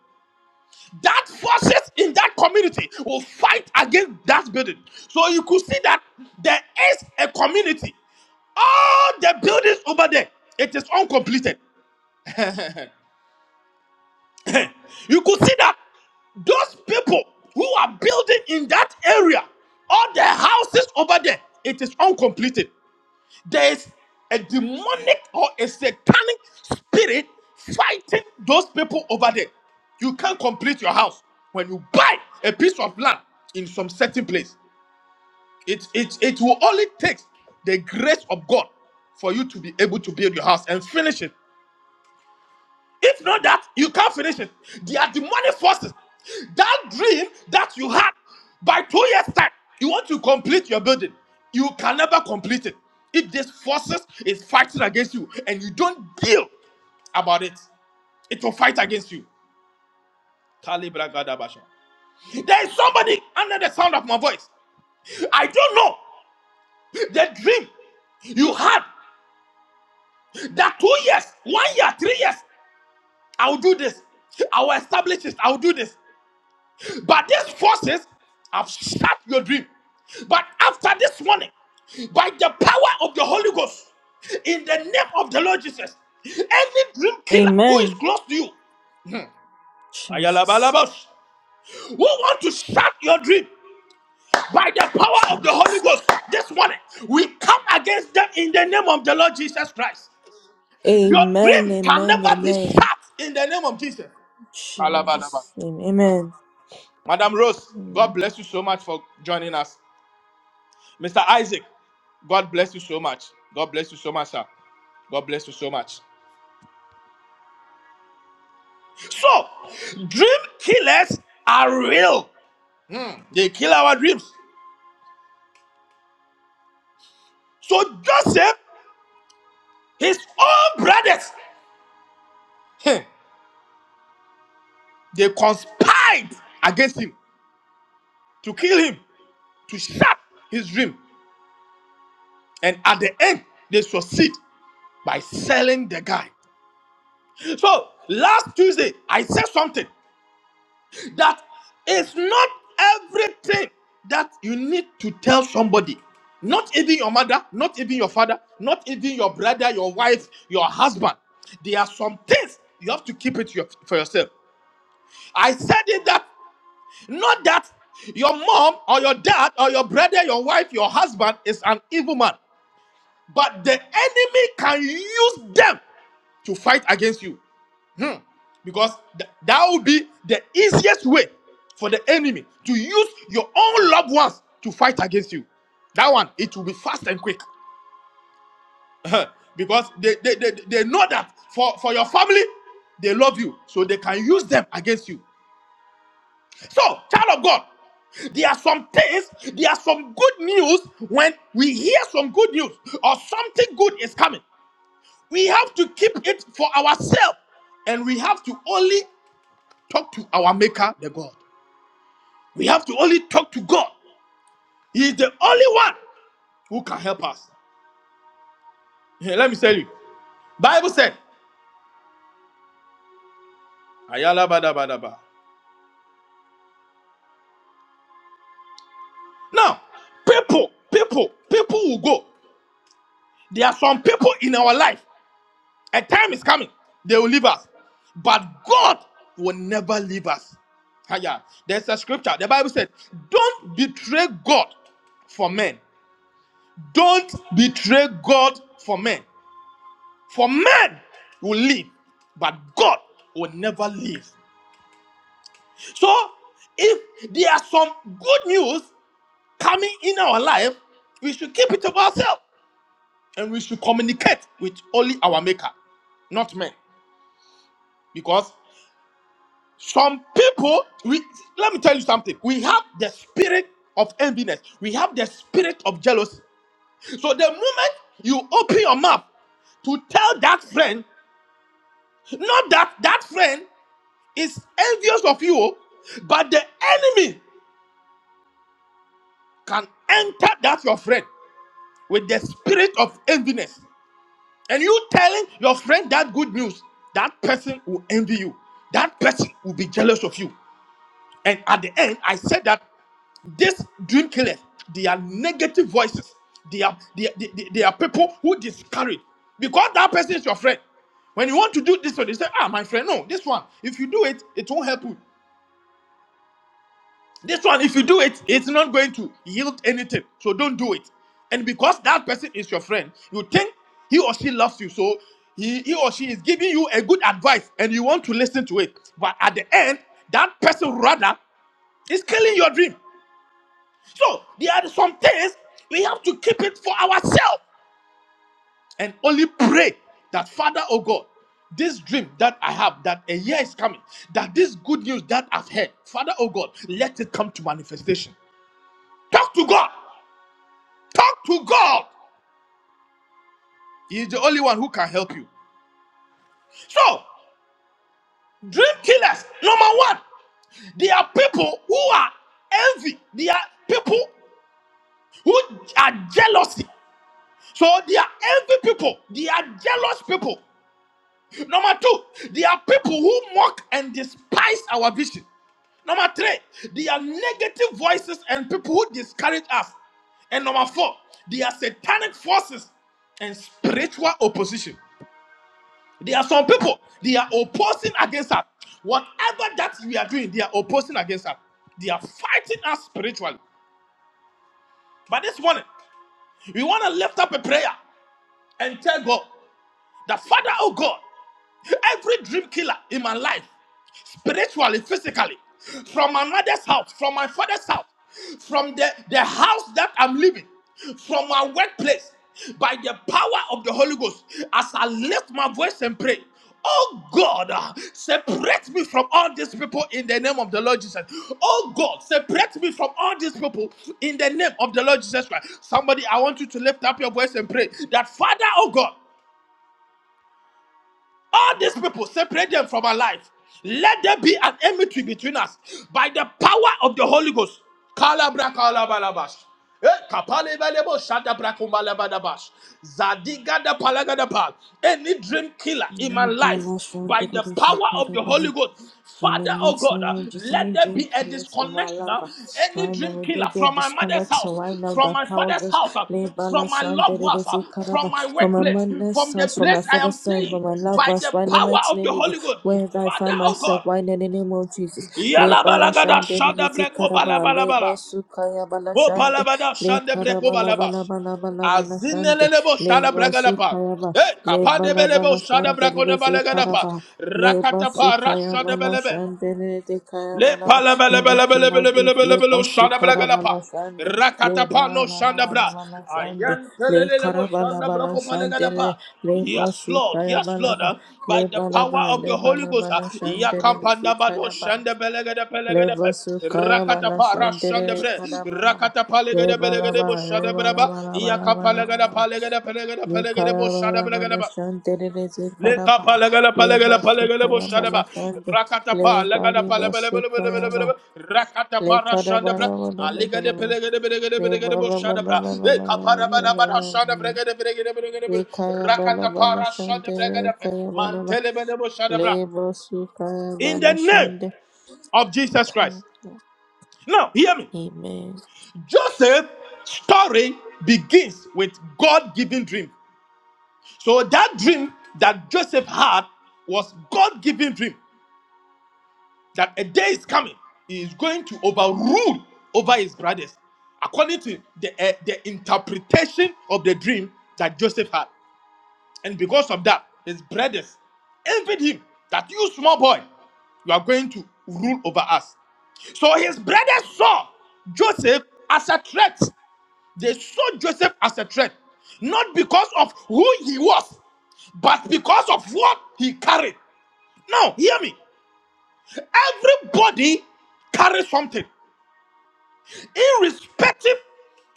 Speaker 2: that forces in that community will fight against that building. So you could see that there is a community. All the buildings over there, it is uncompleted. you could see that those people who are building in that area, all the houses over there, it is uncompleted. there's a demonic or a satanic spirit fighting those people over there. You can't complete your house when you buy a piece of land in some certain place. It it it will only take the grace of God for you to be able to build your house and finish it. If not that, you can't finish it. There are demonic forces. That dream that you had by two years' time, you want to complete your building. You can never complete it. If these forces is fighting against you and you don't deal about it, it will fight against you. Kalibra Gadabasha. There is somebody under the sound of my voice. I don't know the dream you had that two years, one year, three years. I will do this. I will establish this. I will do this. But these forces have shut your dream. But after this morning, by the power of the Holy Ghost, in the name of the Lord Jesus, any dream killer who is
Speaker 1: Amen.
Speaker 2: close to you,
Speaker 1: Jesus.
Speaker 2: Ayalabalabos, who want to shut your dream by the power of the Holy
Speaker 1: Jesus.
Speaker 2: Ghost this morning, we come against them in the name of the Lord Jesus Christ. Your
Speaker 1: Amen.
Speaker 2: dream can
Speaker 1: Amen.
Speaker 2: never be shut
Speaker 1: Amen.
Speaker 2: in the name of Jesus. Alabalaba.
Speaker 1: Jesus. name. Amen.
Speaker 2: Madam Rose, God
Speaker 1: Amen.
Speaker 2: bless you so much for joining us. Mr. Isaac, God bless you so much. God bless you so much, sir. God bless you so much. So, dream killers are real. They kill our dreams. So Joseph, his own brothers, heh, they conspired against him to kill him, to shut his dream. And at the end, they succeed by selling the guy. So last Tuesday, I said something. that it's not everything that you need to tell somebody. Not even your mother, not even your father, not even your brother, your wife, your husband. There are some things you have to keep it your- for yourself. I said it that not that your mom or your dad or your brother, your wife, your husband is an evil man. But the enemy can use them to fight against you. Hmm. Because th- that will be the easiest way for the enemy to use your own loved ones to fight against you. That one, it will be fast and quick. because they, they, they, they know that for, for your family, they love you. So they can use them against you. So, child of God, there are some things, there are some good news when we hear some good news or something good is coming. We have to keep it for ourselves. And we have to only talk to our Maker, the God. We have to only talk to God. He is the only one who can help us. Hey, let me tell you. Bible said, Ayala bada bada ba. Now, people, people, people will go. There are some people in our life. A time is coming. They will leave us. But God will never leave us. Aya. There's a scripture. The Bible said, Don't betray God for men. Don't betray God for men. For men will live, but God will never live. So, if there are some good news coming in our life, we should keep it to ourselves and we should communicate with only our Maker, not men. Because some people, we let me tell you something. We have the spirit of enviness. We have the spirit of jealousy. So the moment you open your mouth to tell that friend Not that that friend is envious of you, but the enemy can enter that your friend with the spirit of enviness. And you telling your friend that good news, that person will envy you. That person will be jealous of you. And at the end, I said that these dream killers, they are negative voices. They are they, they, they they are people who discourage because that person is your friend. When you want to do this one, they say, Ah, my friend, no, this one. If you do it, it won't help you. This one, if you do it, it's not going to yield anything. So don't do it. And because that person is your friend, you think he or she loves you. So he, he or she is giving you a good advice and you want to listen to it. But at the end, that person rather is killing your dream. So there are some things we have to keep it for ourselves and only pray that Father, oh God, this dream that I have, that a year is coming, that this good news that I've heard, Father, oh God, let it come to manifestation. Talk to God. Talk to God. He is the only one who can help you. So, dream killers, number one, they are people who are envy. They are people who are jealousy. So they are envy people. They are jealous people. Number two, they are people who mock and despise our vision. Number three, they are negative voices and people who discourage us. And number four, they are satanic forces and spiritual opposition. There are some people, they are opposing against us. Whatever that we are doing, they are opposing against us. They are fighting us spiritually. But this morning, we want to lift up a prayer and tell God, the Father of God, every dream killer in my life spiritually, physically, from my mother's house, from my father's house, from the, the house that I'm living, from my workplace, by the power of the Holy Ghost, as I lift my voice and pray. Oh God, uh, separate me from all these people in the name of the Lord Jesus. Oh God, separate me from all these people in the name of the Lord Jesus Christ. Somebody, I want you to lift up your voice and pray that Father, oh God. All these people, separate them from our life. Let there be an enmity between us by the power of the Holy Ghost. Kalabra kalabalabash. Eh, kapale balebo shada brakumbalabadabash. Zadigada palagada pal. Any dream killer in my life by the power of the Holy Ghost.
Speaker 1: Amen. In the
Speaker 2: Father, oh
Speaker 1: next
Speaker 2: God,
Speaker 1: name
Speaker 2: uh,
Speaker 1: of Jesus, any
Speaker 2: let there
Speaker 1: dream
Speaker 2: be a
Speaker 1: killers in my
Speaker 2: disconnection.
Speaker 1: life.
Speaker 2: uh,
Speaker 1: uh,
Speaker 2: Any
Speaker 1: Right now,
Speaker 2: dream
Speaker 1: may there
Speaker 2: killer
Speaker 1: be a
Speaker 2: from my mother's
Speaker 1: disconnection.
Speaker 2: house,
Speaker 1: Right now,
Speaker 2: from
Speaker 1: that
Speaker 2: my
Speaker 1: power
Speaker 2: father's
Speaker 1: goes
Speaker 2: house, uh,
Speaker 1: labala
Speaker 2: from my loved ones, uh,
Speaker 1: sanderezi karaba
Speaker 2: from my
Speaker 1: from my
Speaker 2: workplace,
Speaker 1: mother's
Speaker 2: from the
Speaker 1: house, from my
Speaker 2: place I am
Speaker 1: father's side,
Speaker 2: staying,
Speaker 1: from my loved
Speaker 2: by
Speaker 1: ones.
Speaker 2: the
Speaker 1: Right now,
Speaker 2: power
Speaker 1: mighty
Speaker 2: of
Speaker 1: name
Speaker 2: the
Speaker 1: of
Speaker 2: Holy
Speaker 1: Jesus,
Speaker 2: Ghost.
Speaker 1: wherever I
Speaker 2: Father,
Speaker 1: find
Speaker 2: oh
Speaker 1: myself.
Speaker 2: God.
Speaker 1: Right now, in the name of Jesus,
Speaker 2: Yala
Speaker 1: lebala
Speaker 2: balagada shada
Speaker 1: sanderezi
Speaker 2: breko
Speaker 1: karaba
Speaker 2: bala bala
Speaker 1: leba
Speaker 2: bala.
Speaker 1: sukaya bala
Speaker 2: Ko
Speaker 1: shande
Speaker 2: palabada
Speaker 1: le
Speaker 2: shande breko
Speaker 1: karaba la bala
Speaker 2: balabas.
Speaker 1: bala bala bala shande
Speaker 2: Azinelelebo shada
Speaker 1: leba
Speaker 2: bragalapa.
Speaker 1: sukaya ba
Speaker 2: Eh, kapande
Speaker 1: lebala
Speaker 2: belebo
Speaker 1: bala
Speaker 2: shada brako de
Speaker 1: sanderezi
Speaker 2: balagalapa.
Speaker 1: karaba. Leba
Speaker 2: Rakatapa
Speaker 1: sukaya
Speaker 2: rasha de
Speaker 1: bala
Speaker 2: belebe.
Speaker 1: shandere de kaya
Speaker 2: Le
Speaker 1: bala ba iniki ladu leba
Speaker 2: palabalabalabalabalabalabalabalo shanda
Speaker 1: sukara bala
Speaker 2: bragalapa.
Speaker 1: shande leba
Speaker 2: Rakatapa
Speaker 1: bala
Speaker 2: no
Speaker 1: bala
Speaker 2: shanda bra.
Speaker 1: bala shande le kara
Speaker 2: Ayantelelelebo
Speaker 1: bala
Speaker 2: shanda bra
Speaker 1: bala shandere
Speaker 2: kopalegadapa.
Speaker 1: leba
Speaker 2: Yes, Lord.
Speaker 1: sukaya
Speaker 2: Yes,
Speaker 1: bala
Speaker 2: Lord.
Speaker 1: ba
Speaker 2: Uh, by
Speaker 1: leba
Speaker 2: the
Speaker 1: la ba
Speaker 2: power of the
Speaker 1: leba
Speaker 2: Holy
Speaker 1: la
Speaker 2: Ghost. Uh,
Speaker 1: bala shandere de
Speaker 2: Yakapandabado
Speaker 1: kaya ba
Speaker 2: shanda belegedepelegedep.
Speaker 1: leba sukaya bala
Speaker 2: Rakatapa
Speaker 1: shandere
Speaker 2: rashanda
Speaker 1: de
Speaker 2: bre.
Speaker 1: kaya bala ba
Speaker 2: Rakatapa
Speaker 1: leba la ba
Speaker 2: legedebelegedepo shanda
Speaker 1: leba la
Speaker 2: braba.
Speaker 1: ba la ba la ba
Speaker 2: Yakapalegadapa legedepelegedepelegedebo shanda bregedeba. Lekapa
Speaker 1: Lekarabalabalasanderelezekaraba.
Speaker 2: legele palegele palegele bo shadaba.
Speaker 1: Lebasukarabalasande.
Speaker 2: Rakata pa legele palegele bele bele bele
Speaker 1: Lebalibasukaraba.
Speaker 2: bele bele. Rakata pa rashandabra. de
Speaker 1: Lekarabalabalabala.
Speaker 2: pelegede belegede belegede bo shadabra. E kapara bana bana
Speaker 1: Lebalabalabalabala.
Speaker 2: shandabra gede belegede belegede de Rakata pa rashandabra gede pe.
Speaker 1: Lekarabalabalasanderelezekaraba.
Speaker 2: Mantele bene bo shadabra. In the name
Speaker 1: Lebasukarabalasande.
Speaker 2: of Jesus Christ.
Speaker 1: Kayabalaba.
Speaker 2: Now hear me.
Speaker 1: Amen.
Speaker 2: Joseph's story begins with God-given dream. So that dream that Joseph had was God-given dream. that a day is coming he is going to overrule over his brothers according to the, eh, the interpretation of the dream that joseph had and because of that his brothers envied him that you small boy you are going to rule over us so his brothers saw Joseph as a threat. They saw Joseph as a threat, not because of who he was, but because of what he carried. Now, hear me. Everybody carries something, irrespective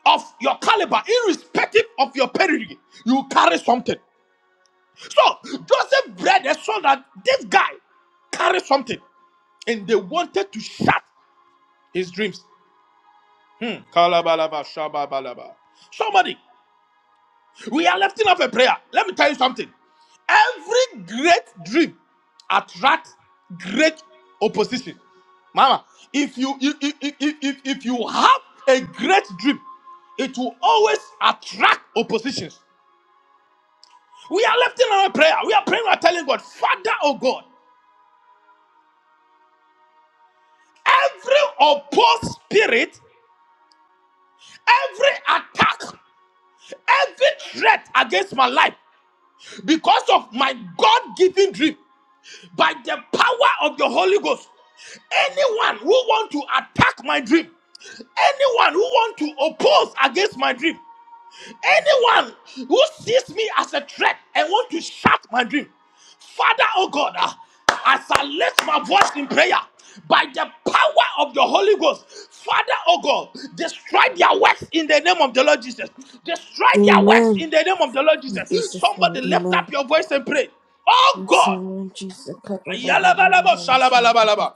Speaker 2: of your caliber, irrespective of your pedigree, you carry something. So Joseph bred a son that this guy carried something, and they wanted to shut his dreams. Hmm. Kalabalaba, shababalaba. Somebody. We are lifting up a prayer. Let me tell you something. Every great dream attracts great opposition. Mama, if you if, if, if, if if you have a great dream, it will always attract oppositions. We are lifting up a prayer. We are praying, we are telling God, Father, oh God, every opposed spirit, every attack, every threat against my life because of my God given dream. by the power of the Holy Ghost, anyone who want to attack my dream, anyone who want to oppose against my dream, anyone who sees me as a threat and want to shut my dream, Father, oh God, ah, as I lift my voice in prayer, by the power of the Holy Ghost, Father, oh God, destroy their works in the name of the Lord Jesus. Destroy their works
Speaker 1: Amen.
Speaker 2: in the name of the Lord
Speaker 1: In
Speaker 2: Jesus.
Speaker 1: Jesus' name,
Speaker 2: Somebody lift
Speaker 1: amen.
Speaker 2: up your voice and pray. Oh
Speaker 1: In Jesus'
Speaker 2: God.
Speaker 1: name, of Jesus.
Speaker 2: Yalabalabo
Speaker 1: Karabalabalabalasande.
Speaker 2: shalabalabalaba.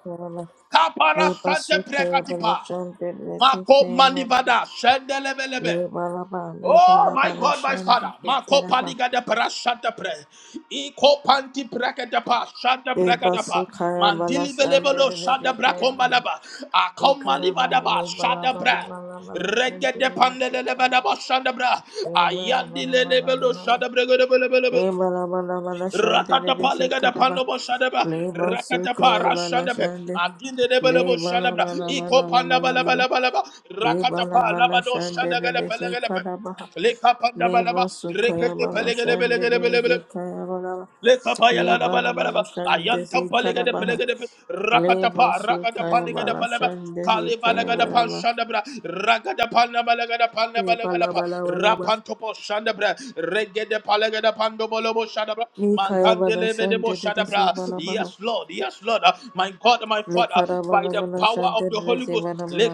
Speaker 2: Kapara
Speaker 1: Leba
Speaker 2: sante
Speaker 1: sukaya bala
Speaker 2: prekatipa.
Speaker 1: shande leti
Speaker 2: Mako
Speaker 1: kaya baraba.
Speaker 2: manivada shendelebelebe.
Speaker 1: Leba laba leba
Speaker 2: Oh my
Speaker 1: laba la
Speaker 2: God, my
Speaker 1: shande
Speaker 2: Father.
Speaker 1: te
Speaker 2: Mako
Speaker 1: karaba.
Speaker 2: paliga de pra shante pre. Iko panti brekete pa shante
Speaker 1: Leba
Speaker 2: brekete pa.
Speaker 1: sukaya bala
Speaker 2: Mandili
Speaker 1: shande
Speaker 2: velebelo shante
Speaker 1: leti kaya maraba
Speaker 2: brakombalaba.
Speaker 1: E karaba
Speaker 2: Akomalivada ba
Speaker 1: leba
Speaker 2: shante
Speaker 1: laba
Speaker 2: brek.
Speaker 1: laba laba la
Speaker 2: Regede
Speaker 1: shande leti
Speaker 2: pandelele bana
Speaker 1: karaba.
Speaker 2: başlandı bra.
Speaker 1: Leba laba
Speaker 2: Ayandi
Speaker 1: laba
Speaker 2: lele
Speaker 1: laba
Speaker 2: belo
Speaker 1: laba.
Speaker 2: şada
Speaker 1: Leba laba laba la shande
Speaker 2: Rakatapa
Speaker 1: leti
Speaker 2: legada
Speaker 1: karaba.
Speaker 2: panobo shadaba.
Speaker 1: Leba
Speaker 2: Rakatapa
Speaker 1: sukaya bala
Speaker 2: rashandabe.
Speaker 1: shande.
Speaker 2: Aginde debelebo
Speaker 1: Leba
Speaker 2: shandabra.
Speaker 1: laba laba
Speaker 2: Iko
Speaker 1: laba
Speaker 2: pandaba
Speaker 1: laba
Speaker 2: laba
Speaker 1: laba.
Speaker 2: laba laba.
Speaker 1: Leba
Speaker 2: Rakatapa
Speaker 1: laba la
Speaker 2: labado
Speaker 1: shande
Speaker 2: shandagale
Speaker 1: leti
Speaker 2: pelegelepe.
Speaker 1: karaba.
Speaker 2: Leka pandaba
Speaker 1: Leba
Speaker 2: laba.
Speaker 1: sukaya
Speaker 2: Rekete
Speaker 1: bala
Speaker 2: pelegele
Speaker 1: shande
Speaker 2: belegele
Speaker 1: beze
Speaker 2: belegele.
Speaker 1: kaya bala ba. Leba la bala
Speaker 2: Lekapayalalabalaba.
Speaker 1: shande ze kara baha.
Speaker 2: Ayantampalegedepelegedepe.
Speaker 1: Leba
Speaker 2: Rakatapa,
Speaker 1: sukaya bala
Speaker 2: rakatapalegedepe.
Speaker 1: shande ze kaya bala
Speaker 2: Kalibalegedepa,
Speaker 1: ba.
Speaker 2: shandabra.
Speaker 1: Leba la
Speaker 2: Rakatapanabalegedepanabalegedapa.
Speaker 1: bala bala ba.
Speaker 2: Rapantopo, shandabra. Regedepalegedepandomolobo, shandabra.
Speaker 1: Ni kaya bala shande
Speaker 2: Mankandelebedebo,
Speaker 1: de ze
Speaker 2: shandabra.
Speaker 1: bala baha.
Speaker 2: Yes, Lord, yes, Lord, my God, my
Speaker 1: Le
Speaker 2: Father,
Speaker 1: kara
Speaker 2: by
Speaker 1: bala
Speaker 2: the
Speaker 1: bala
Speaker 2: power
Speaker 1: shande
Speaker 2: of the
Speaker 1: de
Speaker 2: Holy
Speaker 1: ze
Speaker 2: Ghost.
Speaker 1: bala bala.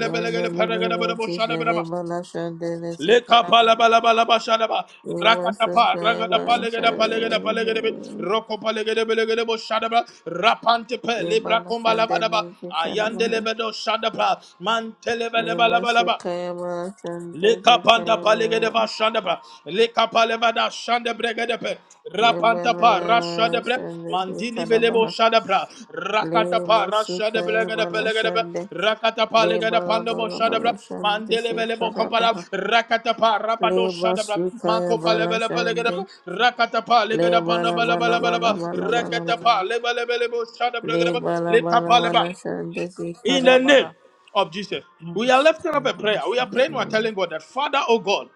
Speaker 1: Le le le le one cheese de le bala shande de ze kara
Speaker 2: Lekapa la
Speaker 1: baha.
Speaker 2: ba la ba la ba shada
Speaker 1: Leba
Speaker 2: pa,
Speaker 1: sukaya
Speaker 2: ragada pa,
Speaker 1: bala
Speaker 2: legada pa, legada pa, legada be.
Speaker 1: shande.
Speaker 2: Roko pa, legada be, legada bo shada ba. Rapante pe,
Speaker 1: Leba
Speaker 2: libra
Speaker 1: la
Speaker 2: komba la
Speaker 1: shande
Speaker 2: ba ba.
Speaker 1: de ze kara
Speaker 2: Ayande
Speaker 1: baha.
Speaker 2: le be do shada ba. Mante le be le
Speaker 1: Le
Speaker 2: ba.
Speaker 1: masuka ya bala shande, le
Speaker 2: Lekapanda
Speaker 1: bala
Speaker 2: palegede ba shandebra. Lekapalevada shandebregedepe.
Speaker 1: le
Speaker 2: Rapantapa
Speaker 1: bala
Speaker 2: rashadebre.
Speaker 1: shande, si
Speaker 2: Mandili velebo
Speaker 1: karabaha.
Speaker 2: shadebra.
Speaker 1: Le
Speaker 2: Rakatapa
Speaker 1: masuka ya
Speaker 2: rashadebregedepe
Speaker 1: bala
Speaker 2: legedepe.
Speaker 1: shande,
Speaker 2: Rakatapa
Speaker 1: le
Speaker 2: legede
Speaker 1: bala
Speaker 2: pandebo
Speaker 1: bala
Speaker 2: shadebra.
Speaker 1: bala shande,
Speaker 2: Mandele
Speaker 1: si
Speaker 2: velebo kompala.
Speaker 1: karabaha.
Speaker 2: Rakatapa rapado
Speaker 1: Le
Speaker 2: shadebra.
Speaker 1: masuka ya
Speaker 2: Makopa
Speaker 1: bala
Speaker 2: levele pelegedepe.
Speaker 1: shande,
Speaker 2: Rakatapa
Speaker 1: le
Speaker 2: legede
Speaker 1: bala
Speaker 2: pandebele
Speaker 1: bala
Speaker 2: bele bele
Speaker 1: bala
Speaker 2: ba.
Speaker 1: bala bala
Speaker 2: Rakatapa
Speaker 1: bala,
Speaker 2: levele velebo
Speaker 1: le
Speaker 2: shadebregedepe.
Speaker 1: bala bala
Speaker 2: Lekapaleba.
Speaker 1: bala shande, si
Speaker 2: In the name
Speaker 1: karabaha.
Speaker 2: of Jesus. We are lifting up a prayer. We are praying, we are telling God that, Father, oh God,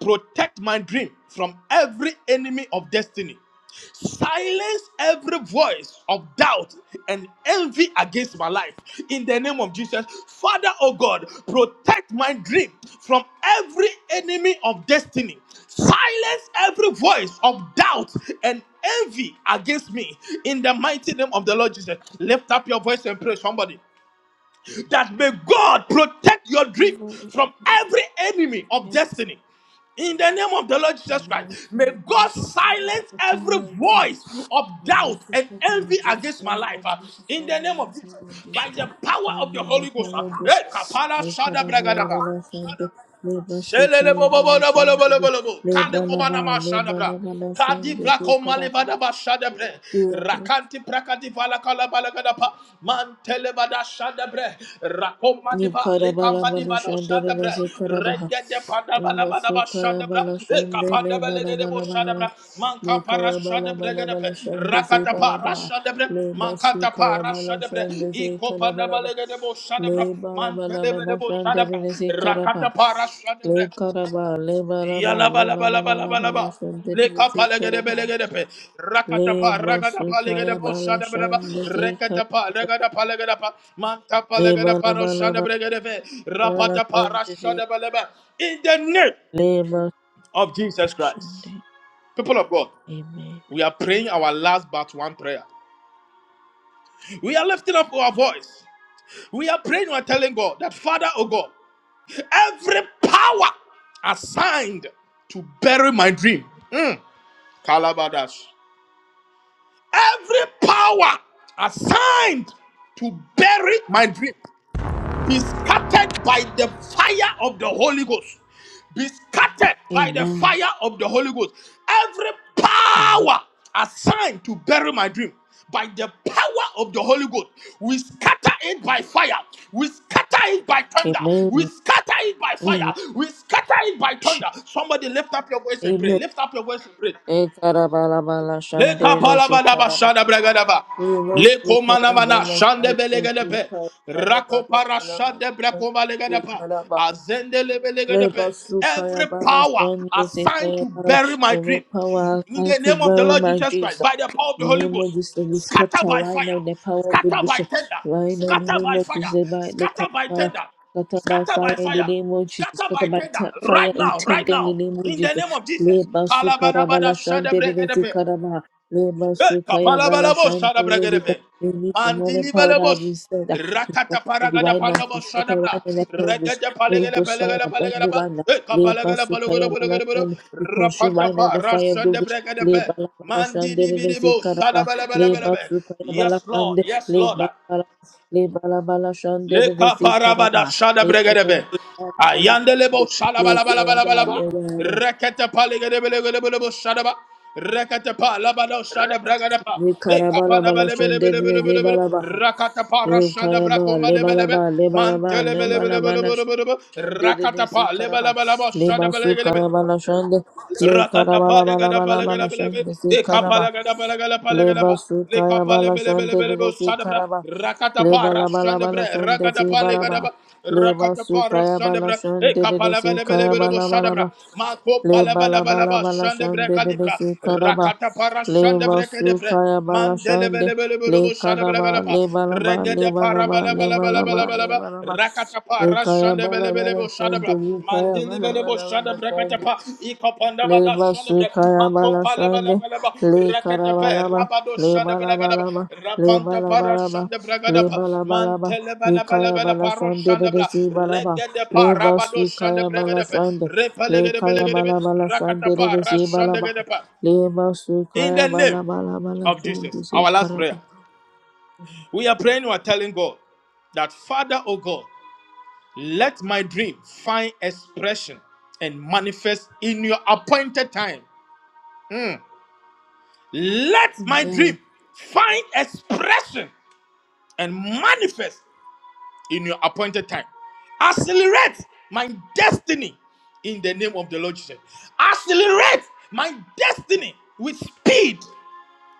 Speaker 2: protect my dream from every enemy of destiny. Silence every voice of doubt and envy against my life. In the name of Jesus, Father, oh God, protect my dream from every enemy of destiny. Silence every voice of doubt and envy against me. In the mighty name of the Lord Jesus, lift up your voice and pray, somebody that may God protect your dream from every enemy of destiny. In the name of the Lord Jesus Christ, may God silence every voice of
Speaker 1: Labor,
Speaker 2: doubt and envy against my life. uh, in the name of Jesus, by the power of the Holy Ghost. uh, eh, kapala shada bragadaba. Shelele bo bo bo lo bo lo bo lo bo lo bo. Kade komana ma shana bra. Kadi vrako malevada ba Rakanti prakati vala kala bala gada pa. Mantele bada shada bre. Rakoma diva
Speaker 1: Nikarabala
Speaker 2: likamba diva do
Speaker 1: Balushandele
Speaker 2: shada bre.
Speaker 1: Sekarabaha.
Speaker 2: Regede panda bala bala ba
Speaker 1: Masukaya
Speaker 2: shada bra. Eka panda
Speaker 1: Balashandele
Speaker 2: bele gede bo
Speaker 1: Balabala
Speaker 2: shada
Speaker 1: Balaba.
Speaker 2: bra. Manka
Speaker 1: Nikaya
Speaker 2: parasha de
Speaker 1: Balabala
Speaker 2: bregadepe,
Speaker 1: Balashande
Speaker 2: rakata
Speaker 1: Zebalaba.
Speaker 2: parasha de bre,
Speaker 1: Le
Speaker 2: mankata
Speaker 1: Basukaya
Speaker 2: parasha de bre,
Speaker 1: Balashande
Speaker 2: ikopa de
Speaker 1: Zekarabalaba.
Speaker 2: balega de bosha de bre,
Speaker 1: Le Balabala
Speaker 2: mantelebe de bosha de
Speaker 1: Balashandele
Speaker 2: bre,
Speaker 1: Sekaraba.
Speaker 2: rakata parasha de bre,
Speaker 1: Le Karaba, Le
Speaker 2: yala
Speaker 1: Balaba, Le
Speaker 2: bala bala bala
Speaker 1: Balabala
Speaker 2: bala ba,
Speaker 1: Balashandele
Speaker 2: leka palega de
Speaker 1: Sekaraba.
Speaker 2: belega de pe, rakata
Speaker 1: Le
Speaker 2: pa rakata palega de
Speaker 1: Basukaya
Speaker 2: bosha de bre ba,
Speaker 1: Balashande
Speaker 2: rekata
Speaker 1: karaba
Speaker 2: pa de pa, manta
Speaker 1: Le
Speaker 2: palega de parasha de
Speaker 1: Balabala
Speaker 2: brega de rapata parasha
Speaker 1: Balashandele
Speaker 2: de In the name
Speaker 1: Lema
Speaker 2: of Jesus Christ,
Speaker 1: Shande.
Speaker 2: people of God.
Speaker 1: Amen.
Speaker 2: We are praying our last but one prayer. We are lifting up our voice. We are praying, we are telling God that, Father, oh God, every power assigned to bury my dream. Mm, Kalabadash. Every power assigned to bury my dream. be scattered by the fire of the Holy Ghost. Be scattered by the
Speaker 1: Amen.
Speaker 2: fire of the Holy Ghost. Every
Speaker 1: Amen.
Speaker 2: power assigned to bury my dream by the power of the Holy Ghost, we scatter it by fire. We scatter it by thunder. We
Speaker 1: Amen.
Speaker 2: scatter it by fire.
Speaker 1: Amen.
Speaker 2: We scatter it by thunder. Somebody lift up your voice and pray.
Speaker 1: Amen.
Speaker 2: Lift up your voice and pray.
Speaker 1: E karabala bala
Speaker 2: Le
Speaker 1: shande rezi
Speaker 2: kapalabadaba
Speaker 1: karaba.
Speaker 2: shada bragadaba.
Speaker 1: We love
Speaker 2: Le
Speaker 1: you
Speaker 2: komanamana
Speaker 1: karabala
Speaker 2: shande
Speaker 1: shande we
Speaker 2: belegedepe.
Speaker 1: karabala bala
Speaker 2: Rakopara
Speaker 1: bala bala
Speaker 2: shande
Speaker 1: shande we
Speaker 2: brekovalegedepa.
Speaker 1: karaba.
Speaker 2: Azende lebelegedepe.
Speaker 1: Leba sukaya
Speaker 2: Every
Speaker 1: bala
Speaker 2: power
Speaker 1: shande rezi
Speaker 2: assigned to
Speaker 1: karabala.
Speaker 2: bury my
Speaker 1: The
Speaker 2: dream.
Speaker 1: power has
Speaker 2: In
Speaker 1: come
Speaker 2: the
Speaker 1: to
Speaker 2: name of the
Speaker 1: bury
Speaker 2: Lord
Speaker 1: my
Speaker 2: Jesus Christ,
Speaker 1: Jesus.
Speaker 2: by the power of the
Speaker 1: In
Speaker 2: Holy
Speaker 1: the name of
Speaker 2: Ghost,
Speaker 1: Jesus, we
Speaker 2: scatter
Speaker 1: scatter
Speaker 2: by
Speaker 1: right now
Speaker 2: fire,
Speaker 1: the power of good
Speaker 2: scatter by
Speaker 1: vision.
Speaker 2: tender,
Speaker 1: Right now, in the
Speaker 2: scatter
Speaker 1: name
Speaker 2: by
Speaker 1: of
Speaker 2: fire,
Speaker 1: Jesus, by the
Speaker 2: scatter by
Speaker 1: Katamara,
Speaker 2: tender,
Speaker 1: scatter by
Speaker 2: scatter by
Speaker 1: fire in the
Speaker 2: fire,
Speaker 1: name of Jesus,
Speaker 2: scatter
Speaker 1: scatter
Speaker 2: by
Speaker 1: by
Speaker 2: tender,
Speaker 1: t- fire
Speaker 2: right
Speaker 1: and
Speaker 2: now, right
Speaker 1: tender in the
Speaker 2: now,
Speaker 1: name of
Speaker 2: in the
Speaker 1: Jesus.
Speaker 2: name of
Speaker 1: Le
Speaker 2: Jesus.
Speaker 1: basu karabala
Speaker 2: Kalabalabada
Speaker 1: shantere rezi
Speaker 2: shadabrekedepe.
Speaker 1: karama. Le
Speaker 2: Eh,
Speaker 1: basu kaya
Speaker 2: kapala
Speaker 1: bala
Speaker 2: balabo shada
Speaker 1: shantere rezi karama.
Speaker 2: bragerebe,
Speaker 1: We need the money
Speaker 2: Mandili
Speaker 1: power that
Speaker 2: balabo.
Speaker 1: have been said that to scatter
Speaker 2: rakata
Speaker 1: the
Speaker 2: paragada
Speaker 1: right now,
Speaker 2: pandabo
Speaker 1: to
Speaker 2: shada
Speaker 1: scatter right
Speaker 2: bra.
Speaker 1: now, the power of good
Speaker 2: Regede
Speaker 1: Holy
Speaker 2: palegele
Speaker 1: Ghost fire,
Speaker 2: pelegele
Speaker 1: burn the
Speaker 2: pelegele pa.
Speaker 1: right now.
Speaker 2: Eh,
Speaker 1: Le
Speaker 2: kapalegele
Speaker 1: basu kaya
Speaker 2: palogede
Speaker 1: bala
Speaker 2: palogede palogede.
Speaker 1: shantere, we consume
Speaker 2: Rapanta
Speaker 1: right now
Speaker 2: pa
Speaker 1: the fire of the
Speaker 2: rashande
Speaker 1: Holy Ghost. Le
Speaker 2: bregedepe.
Speaker 1: bala bala shande
Speaker 2: Mandidi
Speaker 1: re re si
Speaker 2: bidibo
Speaker 1: karaba
Speaker 2: shada bele
Speaker 1: le
Speaker 2: bele bele be.
Speaker 1: basu kaya bala
Speaker 2: Yes, Lord.
Speaker 1: shande
Speaker 2: Yes,
Speaker 1: le bala
Speaker 2: Lord.
Speaker 1: bala le bala bala shande
Speaker 2: Le
Speaker 1: re re si karaba
Speaker 2: kaparabada shada
Speaker 1: le
Speaker 2: bregedebe.
Speaker 1: basu kaya bala shande
Speaker 2: Ayandelebo shada
Speaker 1: le
Speaker 2: bala bala
Speaker 1: karaba
Speaker 2: bala bala ba.
Speaker 1: le bala bala
Speaker 2: Rekete paligedebe legedebe lebo shada ba. Rekete pa labada shada bregede pa.
Speaker 1: le
Speaker 2: E
Speaker 1: karaba la
Speaker 2: kapana
Speaker 1: bala
Speaker 2: bele bele
Speaker 1: shande
Speaker 2: bele
Speaker 1: re
Speaker 2: bele
Speaker 1: re
Speaker 2: bele bele.
Speaker 1: bala baha
Speaker 2: Rakata pa
Speaker 1: le
Speaker 2: rashada
Speaker 1: kaya bala
Speaker 2: brakuma
Speaker 1: le
Speaker 2: lebe
Speaker 1: bala
Speaker 2: lebe.
Speaker 1: bala le bala bala
Speaker 2: Mantele
Speaker 1: le
Speaker 2: bele
Speaker 1: bala
Speaker 2: bele bele
Speaker 1: bala
Speaker 2: bele bele bele.
Speaker 1: shande re re
Speaker 2: Rakata
Speaker 1: si
Speaker 2: pa leba
Speaker 1: karaba
Speaker 2: leba leba
Speaker 1: le
Speaker 2: shada
Speaker 1: basu
Speaker 2: bele lebe.
Speaker 1: kaya bala shande le
Speaker 2: Rakata
Speaker 1: karaba la bala
Speaker 2: palegada
Speaker 1: bala bala
Speaker 2: palegada belebe,
Speaker 1: shande si karaba
Speaker 2: ekapalagada palegada palegada
Speaker 1: Leba
Speaker 2: ba,
Speaker 1: sukaya
Speaker 2: lekapale
Speaker 1: bala
Speaker 2: bele bele
Speaker 1: shante
Speaker 2: bele
Speaker 1: lele
Speaker 2: bo
Speaker 1: si
Speaker 2: shadabra,
Speaker 1: karaba.
Speaker 2: rakata
Speaker 1: Leba
Speaker 2: para
Speaker 1: la bala bala
Speaker 2: shandebra
Speaker 1: shante si baraba. Leba sukaya bala shante lele si kaya bala bala ba. Leba la bala bala shante lele
Speaker 2: kalibra,
Speaker 1: si karaba.
Speaker 2: rakata para
Speaker 1: Leba
Speaker 2: shandebra kadebra,
Speaker 1: sukaya bala
Speaker 2: Mandele
Speaker 1: shante
Speaker 2: bele bele
Speaker 1: le
Speaker 2: bele bo shada bele
Speaker 1: karaba.
Speaker 2: Mandelebelebelebelebo pa
Speaker 1: Leba la ba
Speaker 2: Regede
Speaker 1: leba
Speaker 2: pa
Speaker 1: la ba
Speaker 2: bele bele
Speaker 1: leba la
Speaker 2: bele bele
Speaker 1: ba
Speaker 2: bele ba
Speaker 1: leba la ba.
Speaker 2: rakata pa rashande
Speaker 1: Le
Speaker 2: bele parabalabalabalabalabalaba. Rakatapa
Speaker 1: kaya bala bala
Speaker 2: rashandabelebelebo
Speaker 1: shante
Speaker 2: shadabra.
Speaker 1: le kaya bala
Speaker 2: Mandilibelebo bele bo
Speaker 1: bala bala
Speaker 2: shada bra rakata
Speaker 1: shante.
Speaker 2: pa ikopanda ba da
Speaker 1: Leba
Speaker 2: shande bra
Speaker 1: sukaya bala
Speaker 2: makompa bele shadabra.
Speaker 1: shande,
Speaker 2: Makompalabalabalaba.
Speaker 1: le
Speaker 2: Rakatepe
Speaker 1: karabalaba,
Speaker 2: rabado
Speaker 1: le
Speaker 2: shande bele gada ba
Speaker 1: balabalaba, le
Speaker 2: rapanta para
Speaker 1: balabalaba,
Speaker 2: shande bra
Speaker 1: le
Speaker 2: gada pa shadabalagalaba. bele rashandabragadapa.
Speaker 1: balabalaba, vikaya
Speaker 2: Mantelebalabalagala
Speaker 1: bala
Speaker 2: paro
Speaker 1: shande de de
Speaker 2: shandabra.
Speaker 1: si balaba,
Speaker 2: Regede pa
Speaker 1: leba
Speaker 2: rabado shande
Speaker 1: sukaya
Speaker 2: bra
Speaker 1: bala
Speaker 2: gada pa rabado bele parabado shandabragadepe.
Speaker 1: shande, le kaya
Speaker 2: Repelegedebelegedebe.
Speaker 1: bala bala shande de de si balaba,
Speaker 2: Rakatapa pa.
Speaker 1: leba
Speaker 2: In
Speaker 1: sukaya
Speaker 2: the
Speaker 1: bala
Speaker 2: name
Speaker 1: bala bala
Speaker 2: of
Speaker 1: shande
Speaker 2: Jesus,
Speaker 1: si
Speaker 2: our last
Speaker 1: karaba.
Speaker 2: prayer. We are praying, we are telling God that, Father, oh God, let my dream find expression and manifest in your appointed time. Let my
Speaker 1: Amen.
Speaker 2: dream find expression and manifest in your appointed time. Accelerate my destiny in the name of the Lord Jesus. Accelerate my destiny with speed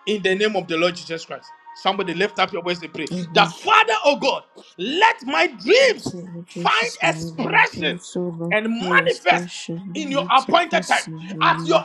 Speaker 2: in the name of the Lord Jesus Christ. Somebody lift up your voice and pray. The Father, oh God, let my dreams
Speaker 1: Into
Speaker 2: find
Speaker 1: Jesus' name, my
Speaker 2: expression
Speaker 1: dreams soul of
Speaker 2: and
Speaker 1: full
Speaker 2: manifest
Speaker 1: expression,
Speaker 2: in your appointed time.
Speaker 1: manifesting
Speaker 2: At your
Speaker 1: in